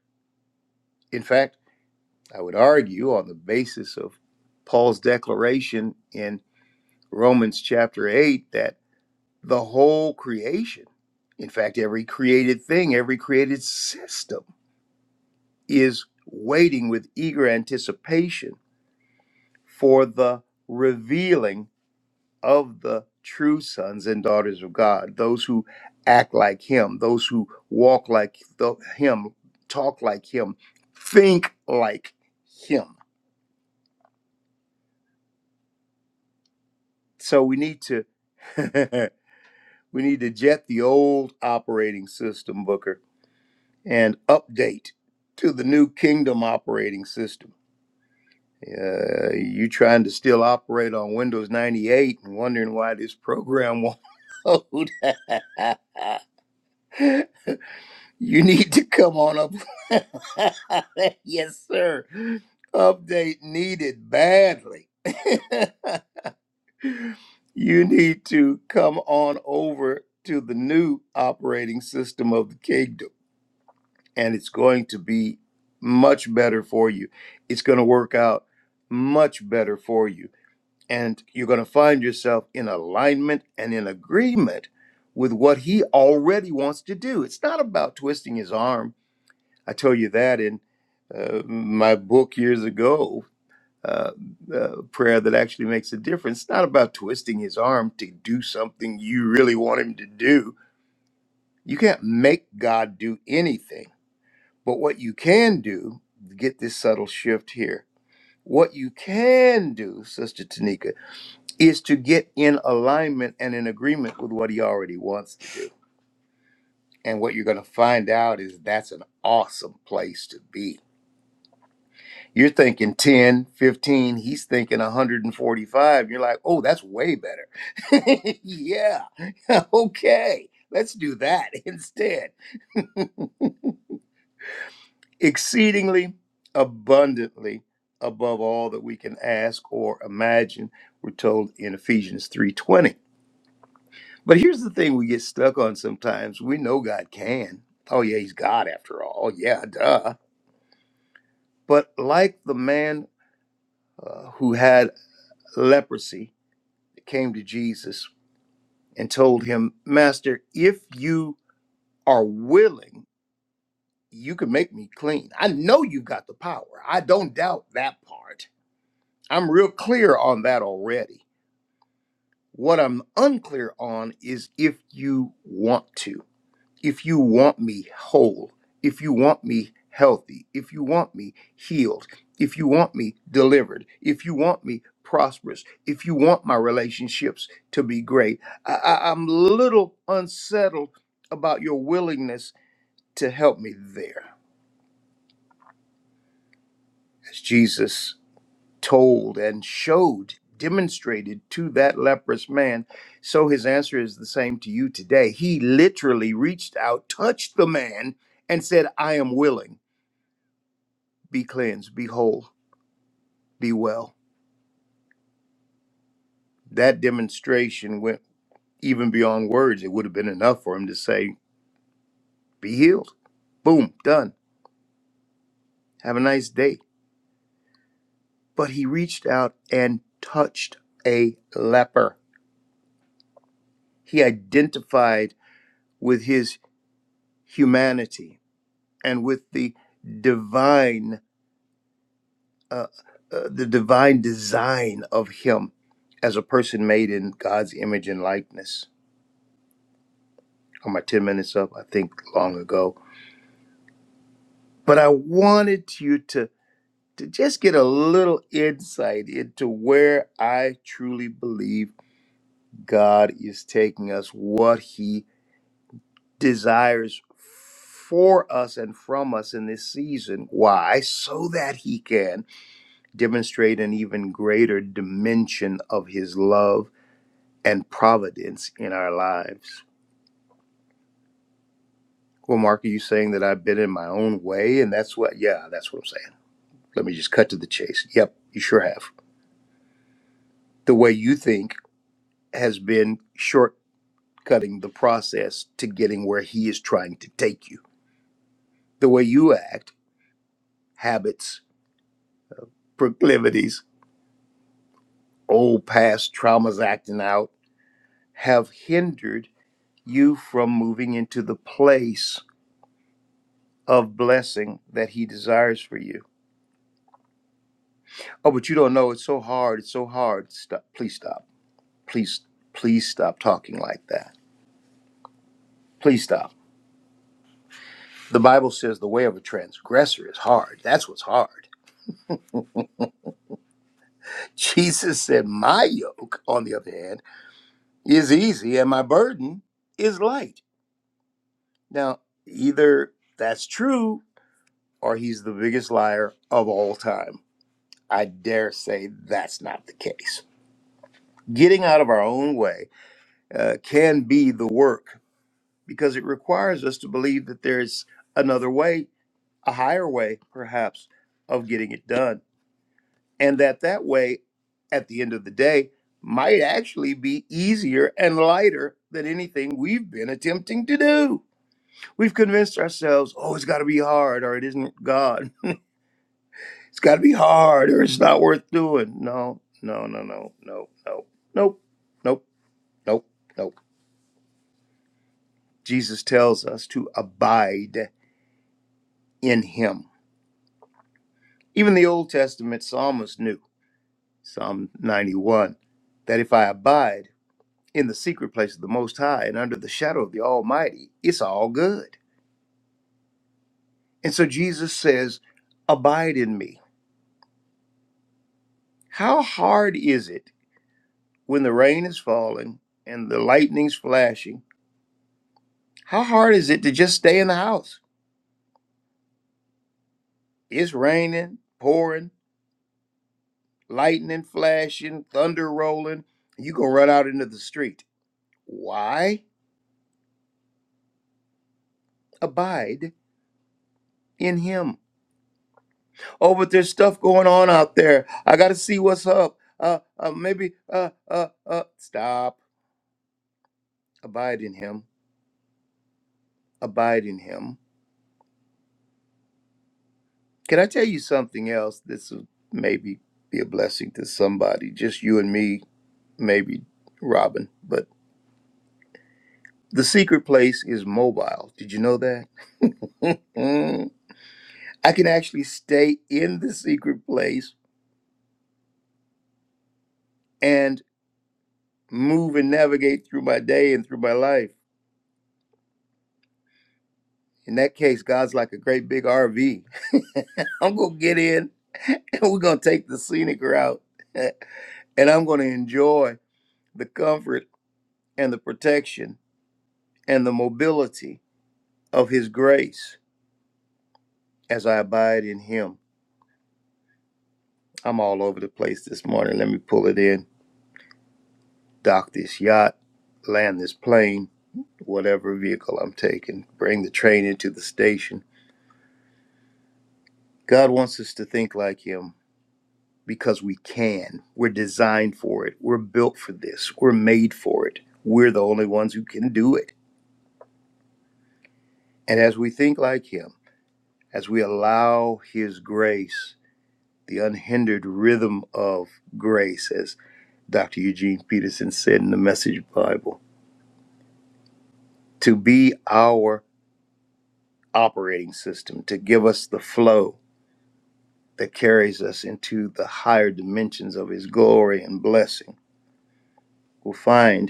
In fact, I would argue on the basis of Paul's declaration in Romans chapter 8 that the whole creation, in fact, every created thing, every created system, is waiting with eager anticipation for the revealing of the true sons and daughters of God, those who act like Him, those who walk like the, Him, talk like Him, think like Him. So we need to we need to jet the old operating system, Booker, and update to the new kingdom operating system. Uh, you trying to still operate on Windows 98 and wondering why this program won't load. You need to come on up. yes, sir. Update needed badly. you need to come on over to the new operating system of the kingdom, and it's going to be much better for you. It's going to work out much better for you. And you're going to find yourself in alignment and in agreement with what he already wants to do. It's not about twisting his arm I told you that in uh, my book years ago, uh, uh, Prayer That Actually Makes a Difference. It's not about twisting his arm to do something you really want him to do. You can't make God do anything. But what you can do, get this subtle shift here. What you can do, Sister Tanika, is to get in alignment and in agreement with what he already wants to do. And what you're going to find out is that's an awesome place to be You're thinking 10, 15. he's thinking 145. You're like, oh, that's way better. yeah, okay, let's do that instead. Exceedingly abundantly above all that we can ask or imagine, we're told in Ephesians 3:20. But here's the thing we get stuck on sometimes. We know God can. Oh, yeah, he's God after all. Yeah, duh. But like the man uh, who had leprosy that came to Jesus and told him, Master, if you are willing, you can make me clean. I know you've got the power. I don't doubt that part. I'm real clear on that already. What I'm unclear on is if you want to. if you want me whole, if you want me healthy, if you want me healed, if you want me delivered, if you want me prosperous, if you want my relationships to be great, I, I, I'm a little unsettled about your willingness to help me there. As Jesus told and showed, demonstrated to that leprous man, so his answer is the same to you today. He literally reached out, touched the man, and said, I am willing be cleansed, be whole, be well. That demonstration went even beyond words. It would have been enough for him to say, Be healed. Boom, done. Have a nice day. But he reached out and touched a leper. He identified with his humanity and with the divine, uh, uh, the divine design of him as a person made in God's image and likeness. On my 10 minutes up, I think long ago but I wanted you to to just get a little insight into where I truly believe God is taking us, what he desires for us and from us in this season. Why? So that he can demonstrate an even greater dimension of his love and providence in our lives. Well, Mark, are you saying that I've been in my own way? And that's what, yeah, that's what I'm saying. Let me just cut to the chase. Yep, you sure have the way you think has been shortcutting the process to getting where he is trying to take you. The way you act, habits, proclivities, old past traumas acting out have hindered you from moving into the place of blessing that he desires for you. Oh, but you don't know. It's so hard. It's so hard. Stop. Please stop. Please, please stop talking like that. Please stop. The Bible says the way of a transgressor is hard. That's what's hard. Jesus said, My yoke, on the other hand, is easy and my burden is light. Now, either that's true or he's the biggest liar of all time. I dare say that's not the case. Getting out of our own way uh, can be the work because it requires us to believe that there's another way, a higher way, perhaps, of getting it done and that that way at the end of the day might actually be easier and lighter than anything we've been attempting to do. We've convinced ourselves, oh, it's got to be hard or it isn't God. It's got to be hard or it's not worth doing. No, no, no, no, no, no, nope, nope, nope, nope. Jesus tells us to abide in him. Even the Old Testament psalmist knew, Psalm 91, that if I abide, in the secret place of the Most High and under the shadow of the Almighty, it's all good. And so Jesus says, Abide in me. How hard is it when the rain is falling and the lightning's flashing? How hard is it to just stay in the house? It's raining, pouring, lightning flashing, thunder rolling. You gonna run out into the street. Why? Abide in him. Oh, but there's stuff going on out there. I got to see what's up. Uh, uh, maybe, uh, uh, uh, stop. Abide in him. Abide in him. Can I tell you something else? This will maybe be a blessing to somebody, just you and me, maybe Robin. But the secret place is mobile. Did you know that? I can actually stay in the secret place and move and navigate through my day and through my life. In that case, God's like a great big RV. I'm going to get in and we're going to take the scenic route. and I'm going to enjoy the comfort and the protection and the mobility of His grace as I abide in Him. I'm all over the place this morning. Let me pull it in, dock this yacht, land this plane, whatever vehicle I'm taking, bring the train into the station. God wants us to think like Him. because we can. We're designed for it. We're built for this. We're made for it. We're the only ones who can do it. And as we think like Him, as we allow His grace, the unhindered rhythm of grace, as Dr. Eugene Peterson said in the Message Bible, to be our operating system, to give us the flow that carries us into the higher dimensions of His glory and blessing, we'll find.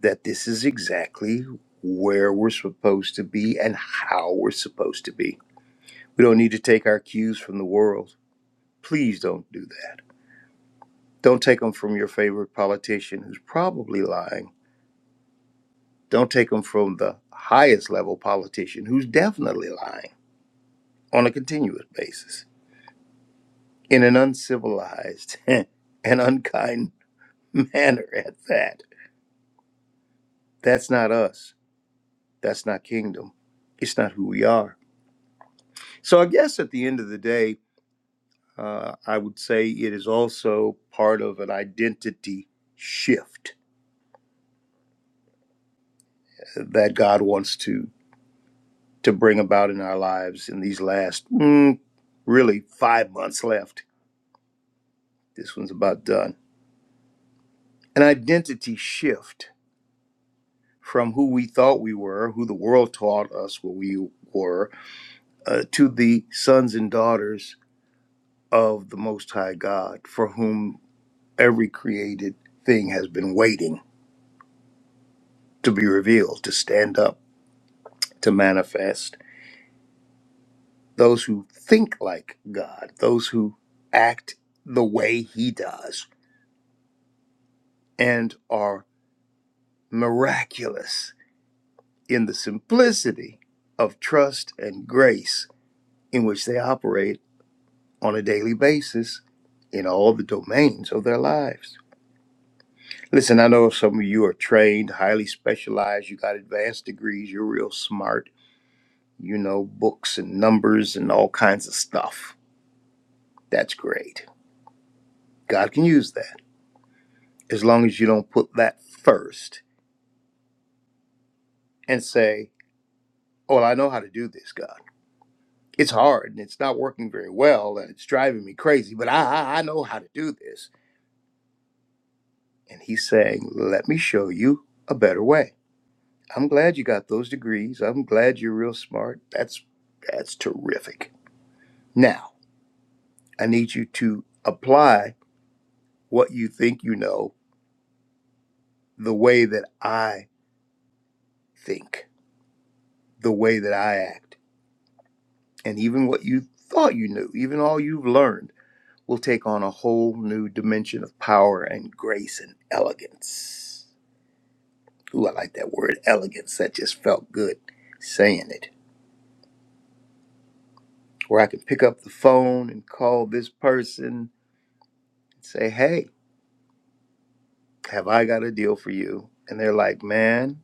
that this is exactly where we're supposed to be and how we're supposed to be. We don't need to take our cues from the world. Please don't do that. Don't take them from your favorite politician who's probably lying. Don't take them from the highest level politician who's definitely lying on a continuous basis in an uncivilized and unkind manner at that. That's not us. That's not kingdom. It's not who we are. So I guess at the end of the day, Uh, I would say it is also part of an identity shift that God wants to to bring about in our lives in these last mm, really five months left. This one's about done. An identity shift from who we thought we were, who the world taught us what we were, uh, to the sons and daughters of the Most High God, for whom every created thing has been waiting to be revealed, to stand up, to manifest those who think like God, those who act the way He does, and are miraculous in the simplicity of trust and grace in which they operate on a daily basis in all the domains of their lives. Listen, I know some of you are trained, highly specialized, you got advanced degrees, you're real smart, you know books and numbers and all kinds of stuff. That's great. God can use that. as long as you don't put that first and say, Oh, well, I know how to do this, God. It's hard and it's not working very well and it's driving me crazy, but I, I I know how to do this. And he's saying, Let me show you a better way. I'm glad you got those degrees. I'm glad you're real smart. That's that's terrific. Now, I need you to apply what you think you know the way that I think, the way that I act, and even what you thought you knew, even all you've learned will take on a whole new dimension of power and grace and elegance. Ooh, I like that word elegance. That just felt good saying it. Where I can pick up the phone and call this person and say, hey, have I got a deal for you? And they're like, man,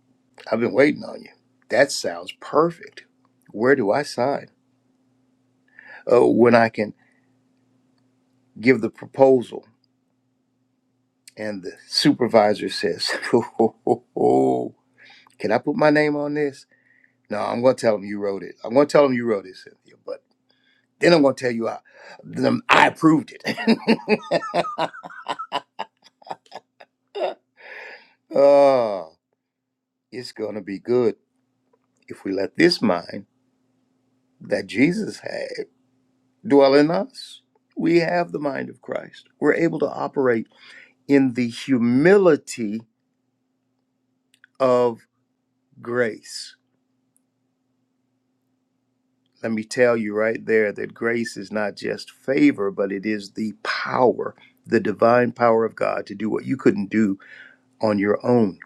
I've been waiting on you. That sounds perfect. Where do I sign? Oh, when I can give the proposal and the supervisor says, Oh, can I put my name on this? No, I'm going to tell them you wrote it. I'm going to tell them you wrote it, Cynthia. But then I'm going to tell you I, them, I approved it. oh, it's going to be good if we let this mind that Jesus had dwell in us. We have the mind of Christ. We're able to operate in the humility of grace. Let me tell you right there that grace is not just favor, but it is the power, the divine power of God to do what you couldn't do on your own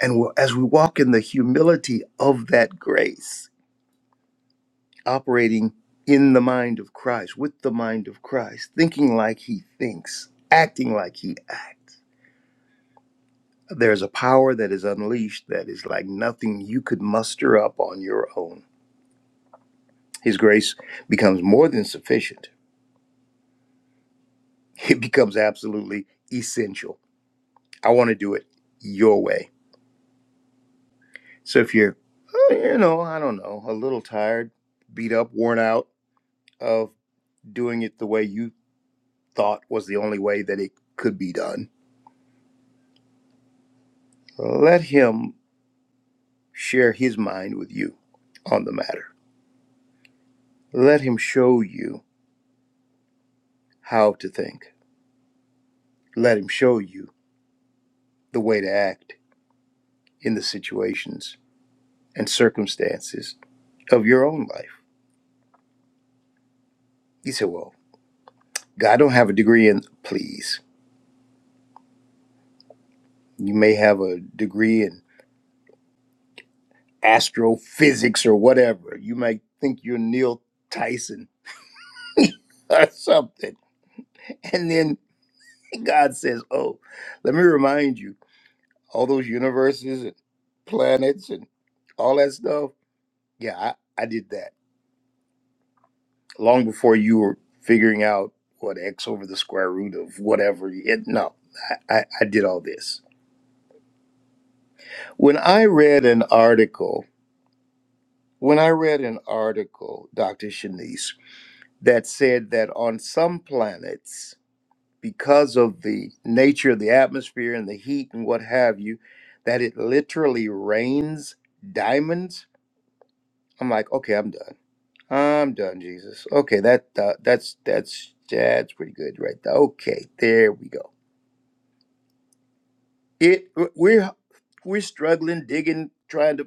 And we'll- as we walk in the humility of that grace, operating in the mind of Christ, with the mind of Christ, thinking like he thinks, acting like he acts, there's a power that is unleashed that is like nothing you could muster up on your own. His grace becomes more than sufficient, it becomes absolutely essential. I want to do it your way. So if you're, uh, you know, I don't know, a little tired, beat up, worn out of doing it the way you thought was the only way that it could be done. Let him share his mind with you on the matter. Let him show you how to think. Let him show you the way to act in the situations and circumstances of your own life. You say, Well, I don't have a degree in, please. You may have a degree in astrophysics or whatever. You might think you're Neil Tyson or something. And then And God says, Oh, let me remind you, all those universes and planets and all that stuff. Yeah, I, I did that long before you were figuring out what x over the square root of whatever. It, no, I, I, I did all this. When I read an article, when I read an article, Dr. Shanice, that said that on some planets, because of the nature of the atmosphere and the heat and what have you, that it literally rains diamonds. I'm like, okay, I'm done. I'm done, Jesus. Okay, that uh, that's that's that's pretty good right there. Okay, there we go. It we're we're struggling, digging, trying to.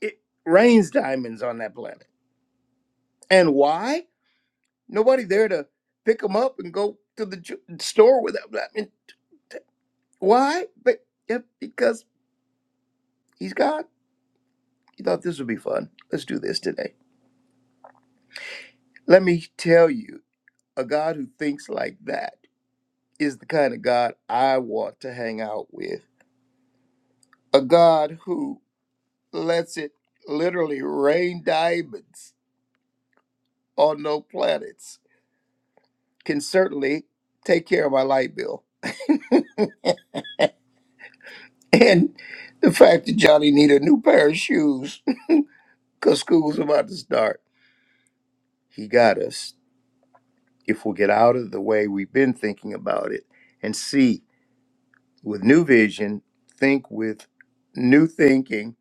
It rains diamonds on that planet, and why? Nobody there to pick them up and go to the ju- store with them. I mean, why? But yeah, because he's God You thought this would be fun. Let's do this today. Let me tell you, a God who thinks like that is the kind of God I want to hang out with. A God who lets it literally rain diamonds on no planets can certainly take care of my light bill. And the fact that Johnny needed a new pair of shoes because school's about to start. He got us. If we'll get out of the way we've been thinking about it and see with new vision, think with new thinking,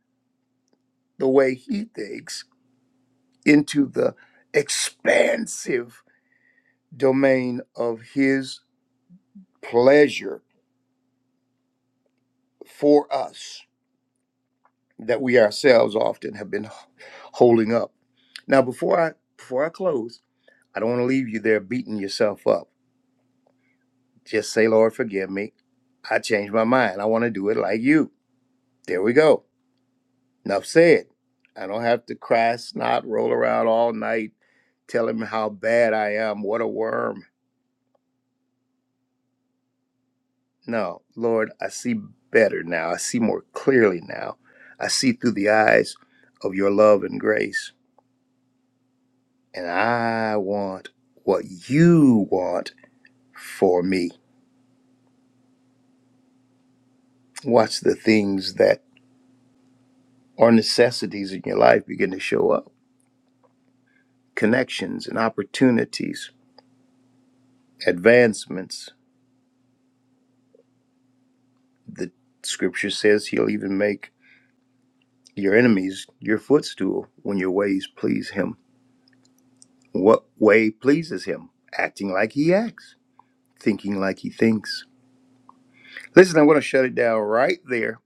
the way he thinks, into the expansive domain of his pleasure for us that we ourselves often have been holding up. Now, before I before I close, I don't want to leave you there beating yourself up. Just say, Lord, forgive me. I changed my mind. I want to do it like you. There we go. Enough said. I don't have to cry, snot, roll around all night, tell him how bad I am. What a worm. No, Lord, I see better now. I see more clearly now. I see through the eyes of your love and grace. And I want what you want for me. Watch the things that are necessities in your life begin to show up connections and opportunities, advancements. The scripture says he'll even make your enemies your footstool when your ways please him. What way pleases him? Acting like he acts, thinking like he thinks. Listen, I'm going to shut it down right there.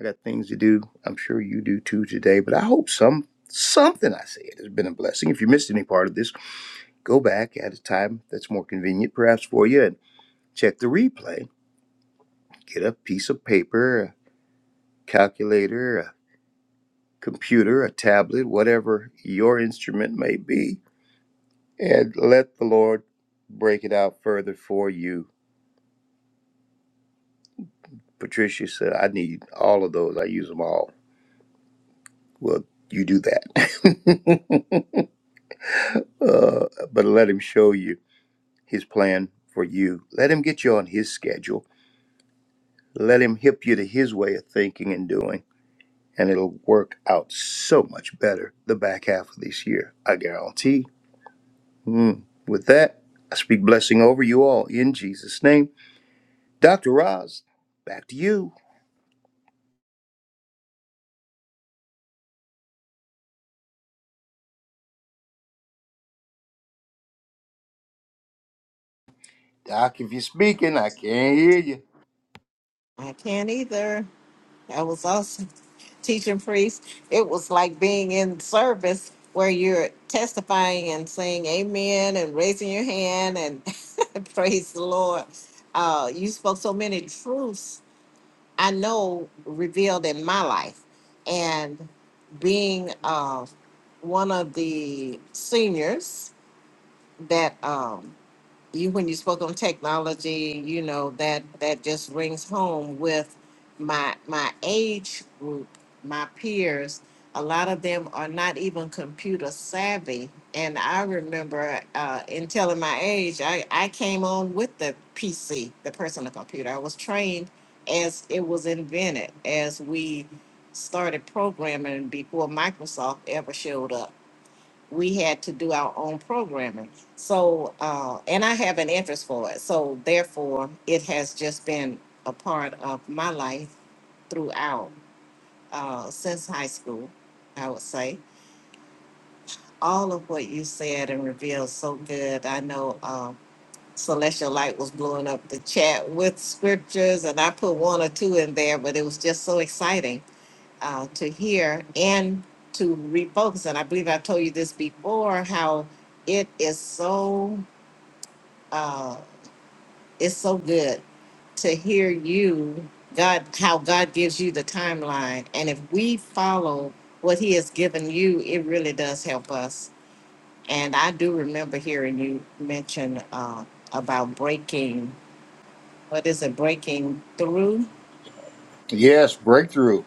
I got things to do. I'm sure you do too today, but I hope some something I said has been a blessing. If you missed any part of this, go back at a time that's more convenient perhaps for you and check the replay. Get a piece of paper, a calculator, a computer, a tablet, whatever your instrument may be And let the Lord break it out further for you. Patricia said, I need all of those. I use them all. Well, you do that. uh, but let Him show you His plan for you. Let Him get you on His schedule. Let Him hip you to His way of thinking and doing. And it'll work out so much better the back half of this year. I guarantee. Mm. With that, I speak blessing over you all in Jesus' name. Dr. Roz, back to you. Doc, if you're speaking, I can't hear you.
I can't either. I was also teaching priest. It was like being in service where you're testifying and saying amen and raising your hand and praise the Lord. Uh, you spoke so many truths I know revealed in my life. And being uh, one of the seniors that um, you when you spoke on technology, you know that that just rings home with my my age group, my peers. A lot of them are not even computer savvy, and I remember uh, in telling my age, I I came on with the PC, the personal computer. I was trained as it was invented, as we started programming before Microsoft ever showed up we had to do our own programming. So, uh, and I have an interest for it. So, therefore, it has just been a part of my life throughout, uh, since high school, I would say. All of what you said and revealed so good. I know um, Celestial Light was blowing up the chat with scriptures, and I put one or two in there, but it was just so exciting uh, to hear and to refocus. And I believe I've told you this before how it is so uh, it's so good to hear you God how God gives you the timeline, and if we follow what He has given you, it really does help us. And I do remember hearing you mention uh, about breaking. What is it? Breaking through
Yes, breakthrough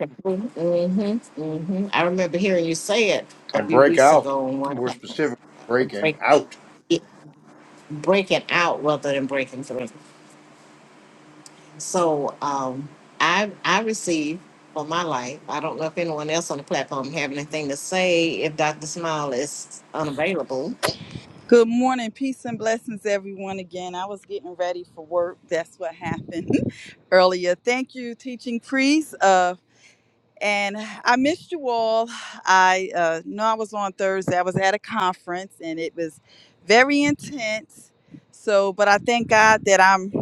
Mm-hmm, mm-hmm. I remember hearing you say it a
and
few
break
weeks
out.
ago in one
More
class,
specific,
the break,
breaking out.
it, breaking out rather than breaking through. So um, I I receive for my life. I don't know if anyone else on the platform have anything to say if Dr. Smile is unavailable.
Good morning, peace and blessings, everyone. Again, I was getting ready for work. That's what happened earlier. Thank you, teaching priest. Uh, and I missed you all. I uh, know I was on Thursday. I was at a conference, and it was very intense. So, but I thank God that I'm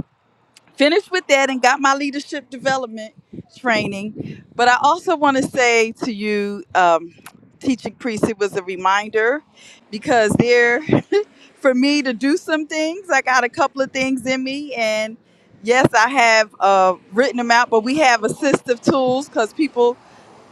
finished with that and got my leadership development training. But I also want to say to you, um, teaching priest, it was a reminder because there, for me to do some things, I got a couple of things in me, and yes, I have uh, written them out. But we have assistive tools because people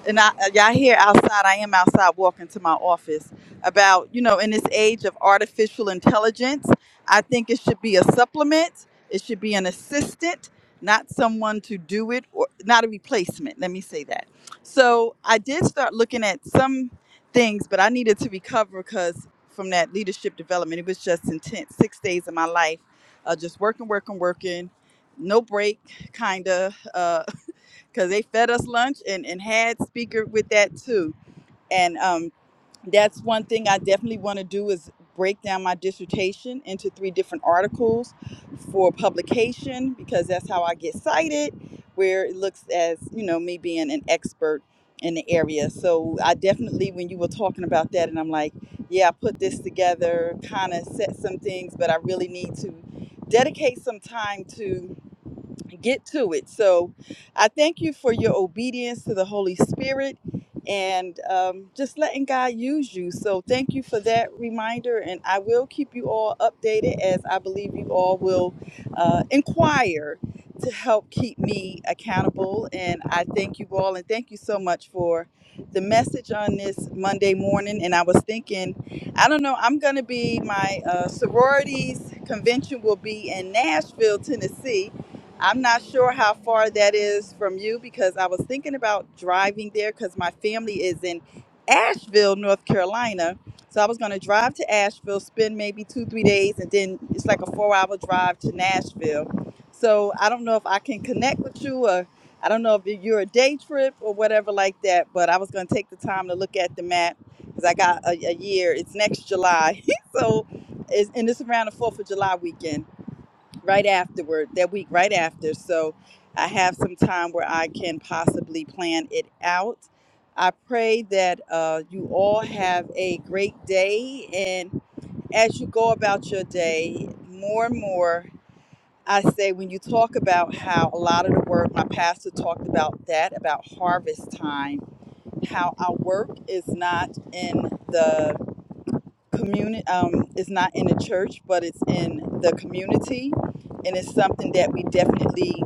and I, uh, y'all hear outside, I am outside walking to my office about, you know, in this age of artificial intelligence, I think it should be a supplement. It should be an assistant, not someone to do it or not a replacement. Let me say that. So I did start looking at some things, but I needed to recover because from that leadership development, it was just intense. Six days of my life, uh, just working, working, working, no break, kind of. Uh, because they fed us lunch and, and had speaker with that too. And um, that's one thing I definitely want to do is break down my dissertation into three different articles for publication because that's how I get cited, where it looks as you know me being an expert in the area. So I definitely, when you were talking about that, and I'm like, yeah, I put this together, kind of set some things, but I really need to dedicate some time to get to it. So I thank you for your obedience to the Holy Spirit and um, just letting God use you. So thank you for that reminder. And I will keep you all updated as I believe you all will uh, inquire to help keep me accountable. And I thank you all and thank you so much for the message on this Monday morning. And I was thinking, I don't know. I'm going to be my uh, sororities convention will be in Nashville, Tennessee, I'm not sure how far that is from you because I was thinking about driving there because my family is in Asheville, North Carolina. So I was going to drive to Asheville, spend maybe two, three days, and then it's like a four hour drive to Nashville. So I don't know if I can connect with you or I don't know if you're a day trip or whatever like that, but I was going to take the time to look at the map because I got a, a year. It's next July. so it's, and it's around the 4th of July weekend right afterward, that week right after. So I have some time where I can possibly plan it out. I pray that uh, you all have a great day. And as you go about your day, more and more, I say when you talk about how a lot of the work, my pastor talked about that, about harvest time, how our work is not in the community um, it's not in the church but it's in the community and it's something that we definitely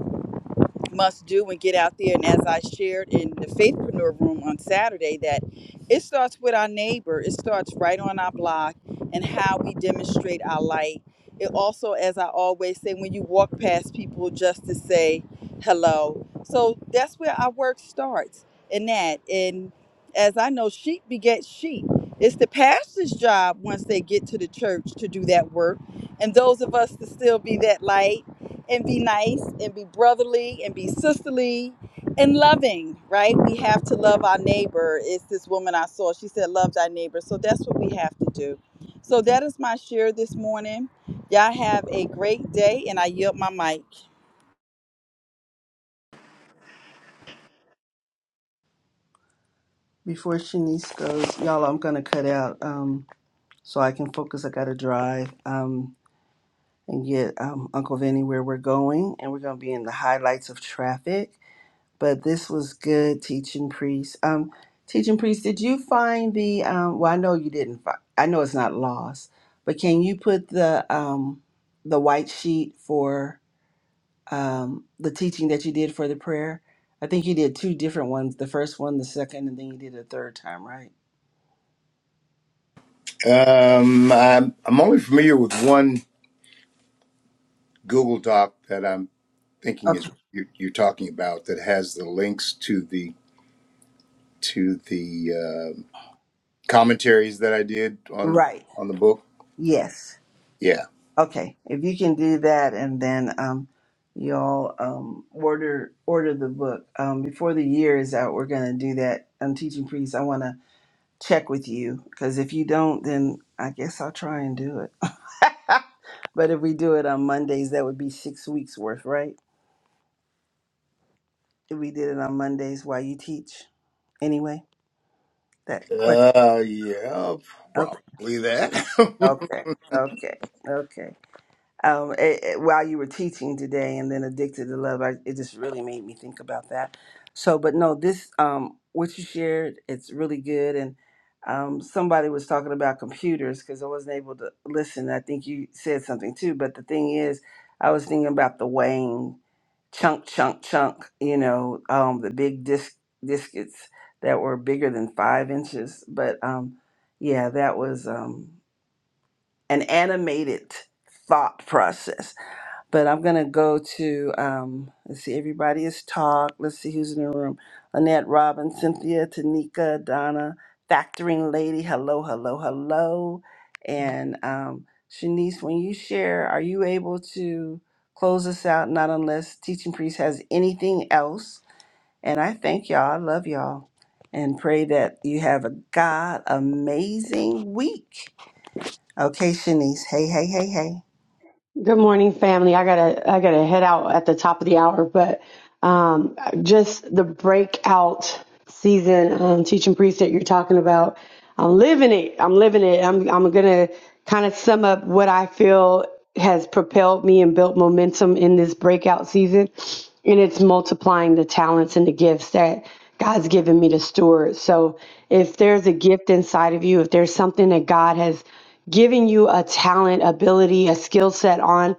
must do and get out there. And as I shared in the Faithpreneur Room on Saturday, that it starts with our neighbor. It starts right on our block and how we demonstrate our light. It also, as I always say, when you walk past people, just to say hello. So that's where our work starts in that. And as I know, sheep beget sheep. It's the pastor's job once they get to the church to do that work. And those of us to still be that light and be nice and be brotherly and be sisterly and loving, right? We have to love our neighbor. It's this woman I saw. She said, Love thy neighbor. So that's what we have to do. So that is my share this morning. Y'all have a great day, and I yield my mic.
Before Shanice goes, y'all, I'm gonna cut out um, so I can focus. I gotta drive um, and get um, Uncle Vinny where we're going, and we're gonna be in the highlights of traffic. But this was good, teaching priest. Um, teaching priest, did you find the? Um, well, I know you didn't. Find, I know it's not lost, but can you put the um, the white sheet for um, the teaching that you did for the prayer? I think you did two different ones. The first one, the second, and then you did a third time, right?
Um, I'm, I'm only familiar with one Google Doc that I'm thinking is what you're, you're talking about that has the links to the to the uh, commentaries that I did on
Right.
on the book.
Yes.
Yeah.
Okay. If you can do that, and then um, you'll um, order order the book um, before the year is out. We're gonna do that. I'm teaching priests. I want to check with you because if you don't, then I guess I'll try and do it. but if we do it on Mondays, that would be six weeks worth, right? If we did it on Mondays while you teach, anyway. That question.
Uh, yeah,
Okay.
probably that.
Okay. Okay. Okay. um, it, it- while you were teaching today, and then addicted to love, I, it just really made me think about that. So, but no, this um, what you shared, it's really good. And um, somebody was talking about computers because I wasn't able to listen. I think you said something too. But the thing is, I was thinking about the weighing chunk, chunk, chunk. You know, um, the big disc discs that were bigger than five inches. But um, yeah, that was um, an animated thought process but I'm gonna go to um, let's see, everybody has talked. Let's see who's in the room. Annette Robin, Cynthia, Tanika, Donna, Factoring Lady, hello, hello, hello. And um Shanice, when you share, are you able to close us out? Not unless teaching priest has anything else. And I thank y'all, I love y'all. And pray that you have a God amazing week. Okay, Shanice. Hey, hey, hey, hey.
Good morning, family. I gotta I gotta head out at the top of the hour, but um, just the breakout season um, teaching priest that you're talking about. I'm living it. I'm living it. I'm I'm gonna kind of sum up what I feel has propelled me and built momentum in this breakout season, and it's multiplying the talents and the gifts that God's given me to steward. So if there's a gift inside of you, if there's something that God has given you a talent, ability, a skill set on,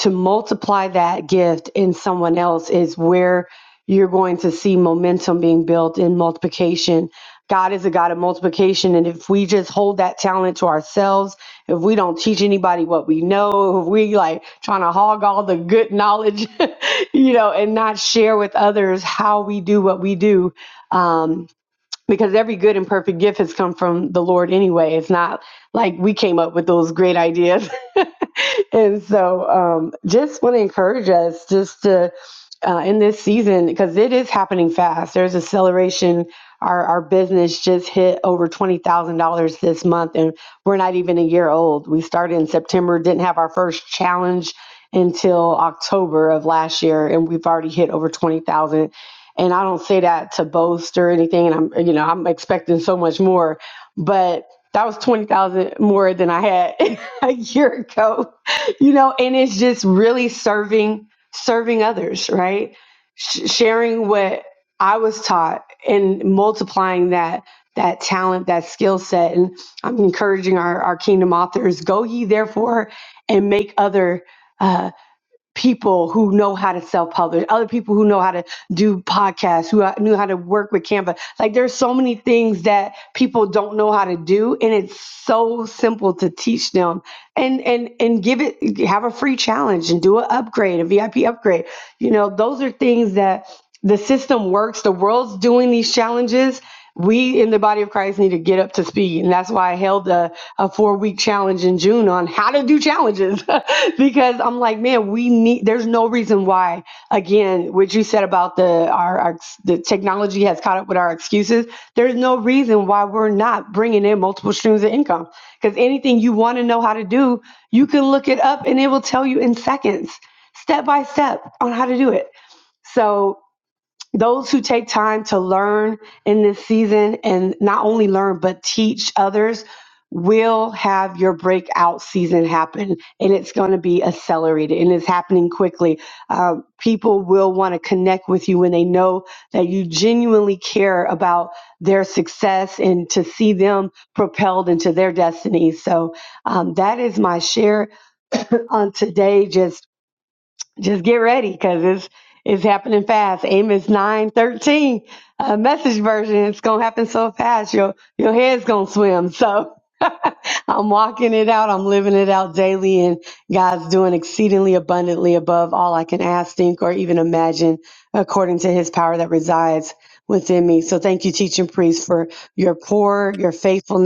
to multiply that gift in someone else is where you're going to see momentum being built in multiplication. God is a God of multiplication. And if we just hold that talent to ourselves, if we don't teach anybody what we know, if we like trying to hog all the good knowledge, you know, and not share with others how we do what we do, um, because every good and perfect gift has come from the Lord anyway. It's not like we came up with those great ideas. and so um, just want to encourage us just to, uh, in this season, because it is happening fast. There's acceleration. Our, our business just hit over $20,000 this month, and we're not even a year old. We started in September, didn't have our first challenge until October of last year, and we've already hit over 20,000 and I don't say that to boast or anything. And I'm, you know, I'm expecting so much more, but that was 20,000 more than I had a year ago, you know, and it's just really serving, serving others, right? Sh- sharing what I was taught and multiplying that, that talent, that skill set. And I'm encouraging our, our kingdom authors, go ye therefore and make other uh, people who know how to self-publish, other people who know how to do podcasts, who knew how to work with Canva. Like there's so many things that people don't know how to do, and it's so simple to teach them. And and and give it have a free challenge and do an upgrade, a VIP upgrade. You know, those are things that the system works. The world's doing these challenges, we in the body of Christ need to get up to speed. And that's why I held a, a four week challenge in June on how to do challenges because I'm like, man, we need, there's no reason why, again, what you said about the, our, our, the technology has caught up with our excuses. There's no reason why we're not bringing in multiple streams of income because anything you want to know how to do, you can look it up and it will tell you in seconds, step by step on how to do it. So those who take time to learn in this season and not only learn but teach others will have your breakout season happen and it's going to be accelerated and it's happening quickly Uh, people will want to connect with you when they know that you genuinely care about their success and to see them propelled into their destiny so um, that is my share on today Just just get ready because it's it's happening fast. Amos nine thirteen, uh, message version. It's gonna happen so fast. Your your head's gonna swim. So I'm walking it out. I'm living it out daily, and God's doing exceedingly abundantly above all I can ask, think, or even imagine, according to His power that resides within me. So thank you, teaching priest, for your pour, your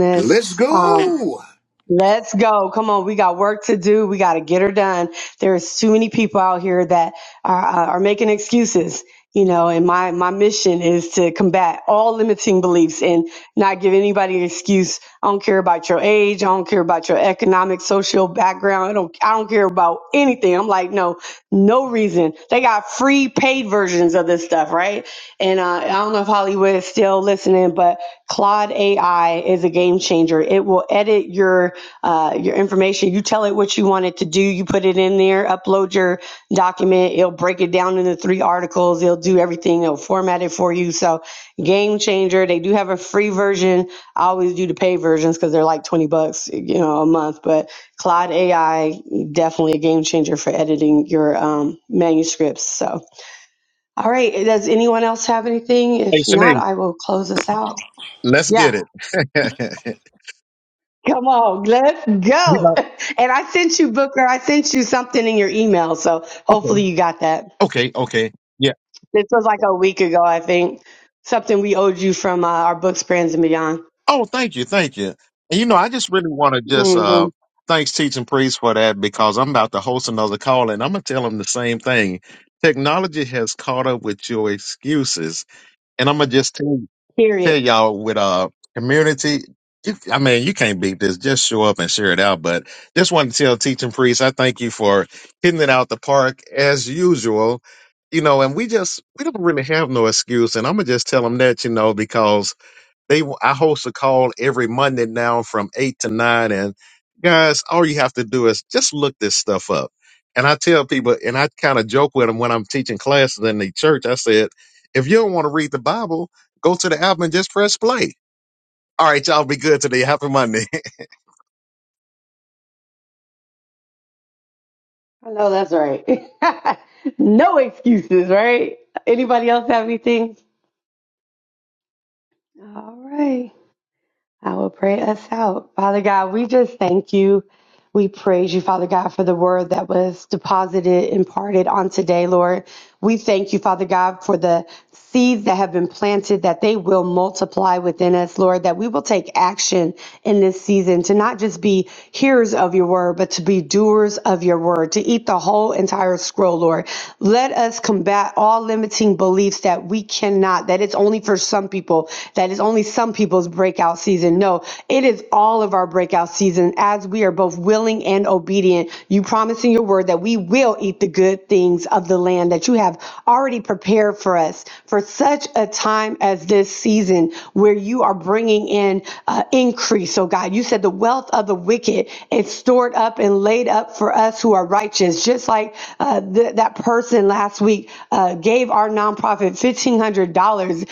Let's
Um,
go.
Let's go. Come on. We got work to do. We got to get her done. There's too many people out here that are, uh, are making excuses, you know, and my, my mission is to combat all limiting beliefs and not give anybody an excuse. I don't care about your age. I don't care about your economic, social background. I don't, I don't care about anything. I'm like, no, no reason. They got free paid versions of this stuff, right? And uh, I don't know if Hollywood is still listening, but Claude AI is a game changer. It will edit your uh, your information. You tell it what you want it to do. You put it in there, upload your document. It'll break it down into three articles. It'll do everything. It'll format it for you. So game changer. They do have a free version. I always do the pay versions because they're like twenty bucks, you know, a month. But Claude AI definitely a game changer for editing your um, manuscripts. So. All right. Does anyone else have anything?
Hey,
If
Shanice.
not, I will close us out.
Let's
Yeah.
get it.
Come on. Let's
you
go.
know,
And I sent you, Booker, I sent you something in your email. So
okay,
hopefully you got that.
okay, okay. Yeah.
This was like a week ago, I think. Something we owed you from uh, our books, brands, and beyond.
Oh, thank you, thank you. And you know, I just really want to just uh
Mm-hmm.
thanks teaching priest for that because I'm about to host another call and I'm gonna tell him the same thing. Technology has caught up with your excuses, and I'm gonna just tell you. tell
Period.
y'all with uh community. You, I mean, you can't beat this. Just show up and share it out. But just wanted to tell teaching priest, I thank you for hitting it out the park as usual. You know, and we just we don't really have no excuse. And I'm gonna just tell them that, you know, because they I host a call every Monday now from eight to nine, and guys, all you have to do is just look this stuff up. And I tell people, and I kind of joke with them when I'm teaching classes in the church. I said, if you don't want to read the Bible, go to the app and just press play. All right, y'all be good today. Happy Monday.
I know that's right. no excuses, right? Anybody else have anything? All right. I will pray us out. Father God, we just thank you. We praise you, Father God, for the word that was deposited, imparted on today, Lord. We thank you, Father God, for the seeds that have been planted, that they will multiply within us, Lord, that we will take action in this season to not just be hearers of your word, but to be doers of your word, to eat the whole entire scroll, Lord. Let us combat all limiting beliefs that we cannot, that it's only for some people, that it's only some people's breakout season. No, no, it is all of our breakout season as we are both willing and obedient. You promise in your word that we will eat the good things of the land that you have already prepared for us for such a time as this season where you are bringing in uh, increase. So, God, you said the wealth of the wicked is stored up and laid up for us who are righteous, just like uh, th- that person last week uh, gave our nonprofit $1,500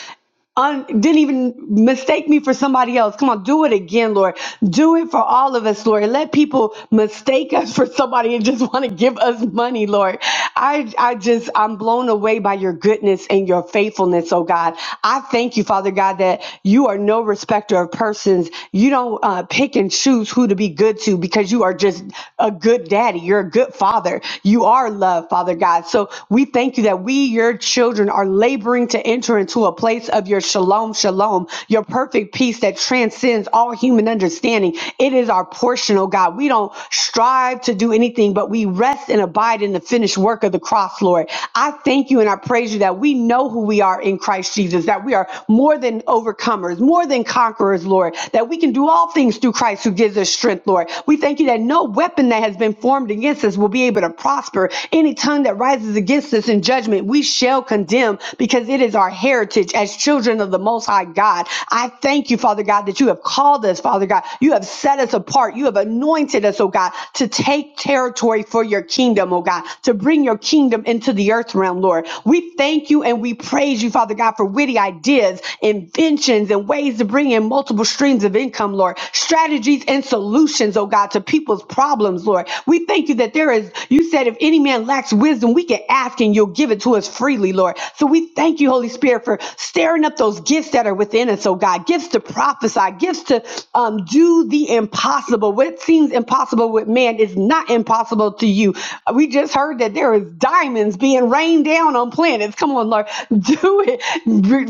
un, didn't even mistake me for somebody else. Come on, do it again, Lord. Do it for all of us, Lord. Let people mistake us for somebody and just want to give us money, Lord. I, I just, I'm blown away by your goodness and your faithfulness, oh God. I thank you, Father God, that you are no respecter of persons. You don't uh, pick and choose who to be good to because you are just a good daddy. You're a good father. You are love, Father God. So we thank you that we, your children, are laboring to enter into into a place of your shalom, shalom, your perfect peace that transcends all human understanding. It is our portion, oh God. We don't strive to do anything, but we rest and abide in the finished work of the cross, Lord. I thank you and I praise you that we know who we are in Christ Jesus, that we are more than overcomers, more than conquerors, Lord, that we can do all things through Christ who gives us strength, Lord. We thank you that no weapon that has been formed against us will be able to prosper. Any tongue that rises against us in judgment, we shall condemn because it is our heritage as children of the Most High God. I thank you, Father God, that you have called us, Father God. You have set us apart. You have anointed us, oh God, to take territory for your kingdom, oh God, to bring your kingdom into the earth realm, Lord. We thank you and we praise you, Father God, for witty ideas, inventions, and ways to bring in multiple streams of income, Lord. Strategies and solutions, oh God, to people's problems, Lord. We thank you that there is, you said, if any man lacks wisdom, we can ask and you'll give it to us freely freely, Lord. So we thank you, Holy Spirit, for stirring up those gifts that are within us, oh God. Gifts to prophesy, gifts to um, do the impossible. What seems impossible with man is not impossible to you. We just heard that there is diamonds being rained down on planets. Come on, Lord. Do it.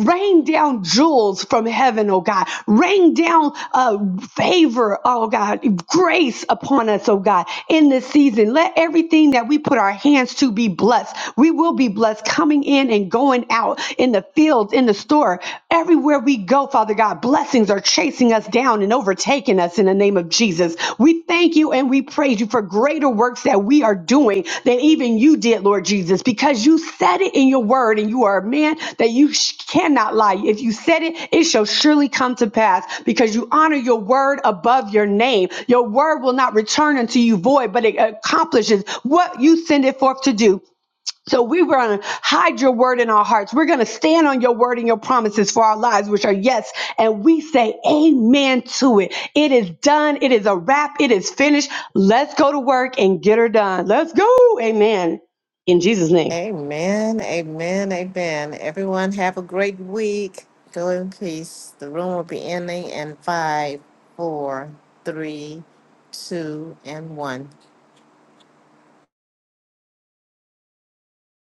Rain down jewels from heaven, oh God. Rain down uh, favor, oh God. Grace upon us, oh God. In this season, let everything that we put our hands to be blessed. We will will be blessed coming in and going out in the fields, in the store, everywhere we go, Father God. Blessings are chasing us down and overtaking us in the name of Jesus. We thank you and we praise you for greater works that we are doing than even you did, Lord Jesus, because you said it in your word and you are a man that you sh- cannot lie. If you said it, it shall surely come to pass because you honor your word above your name. Your word will not return unto you void, but it accomplishes what you send it forth to do. So we were going to hide your word in our hearts. We're going to stand on your word and your promises for our lives, which are yes. And we say amen to it. It is done. It is a wrap. It is finished. Let's go to work and get her done. Let's go. Amen. In Jesus' name.
Amen, amen, amen. Everyone have a great week. Go in peace. The room will be ending in five, four, three, two, and one.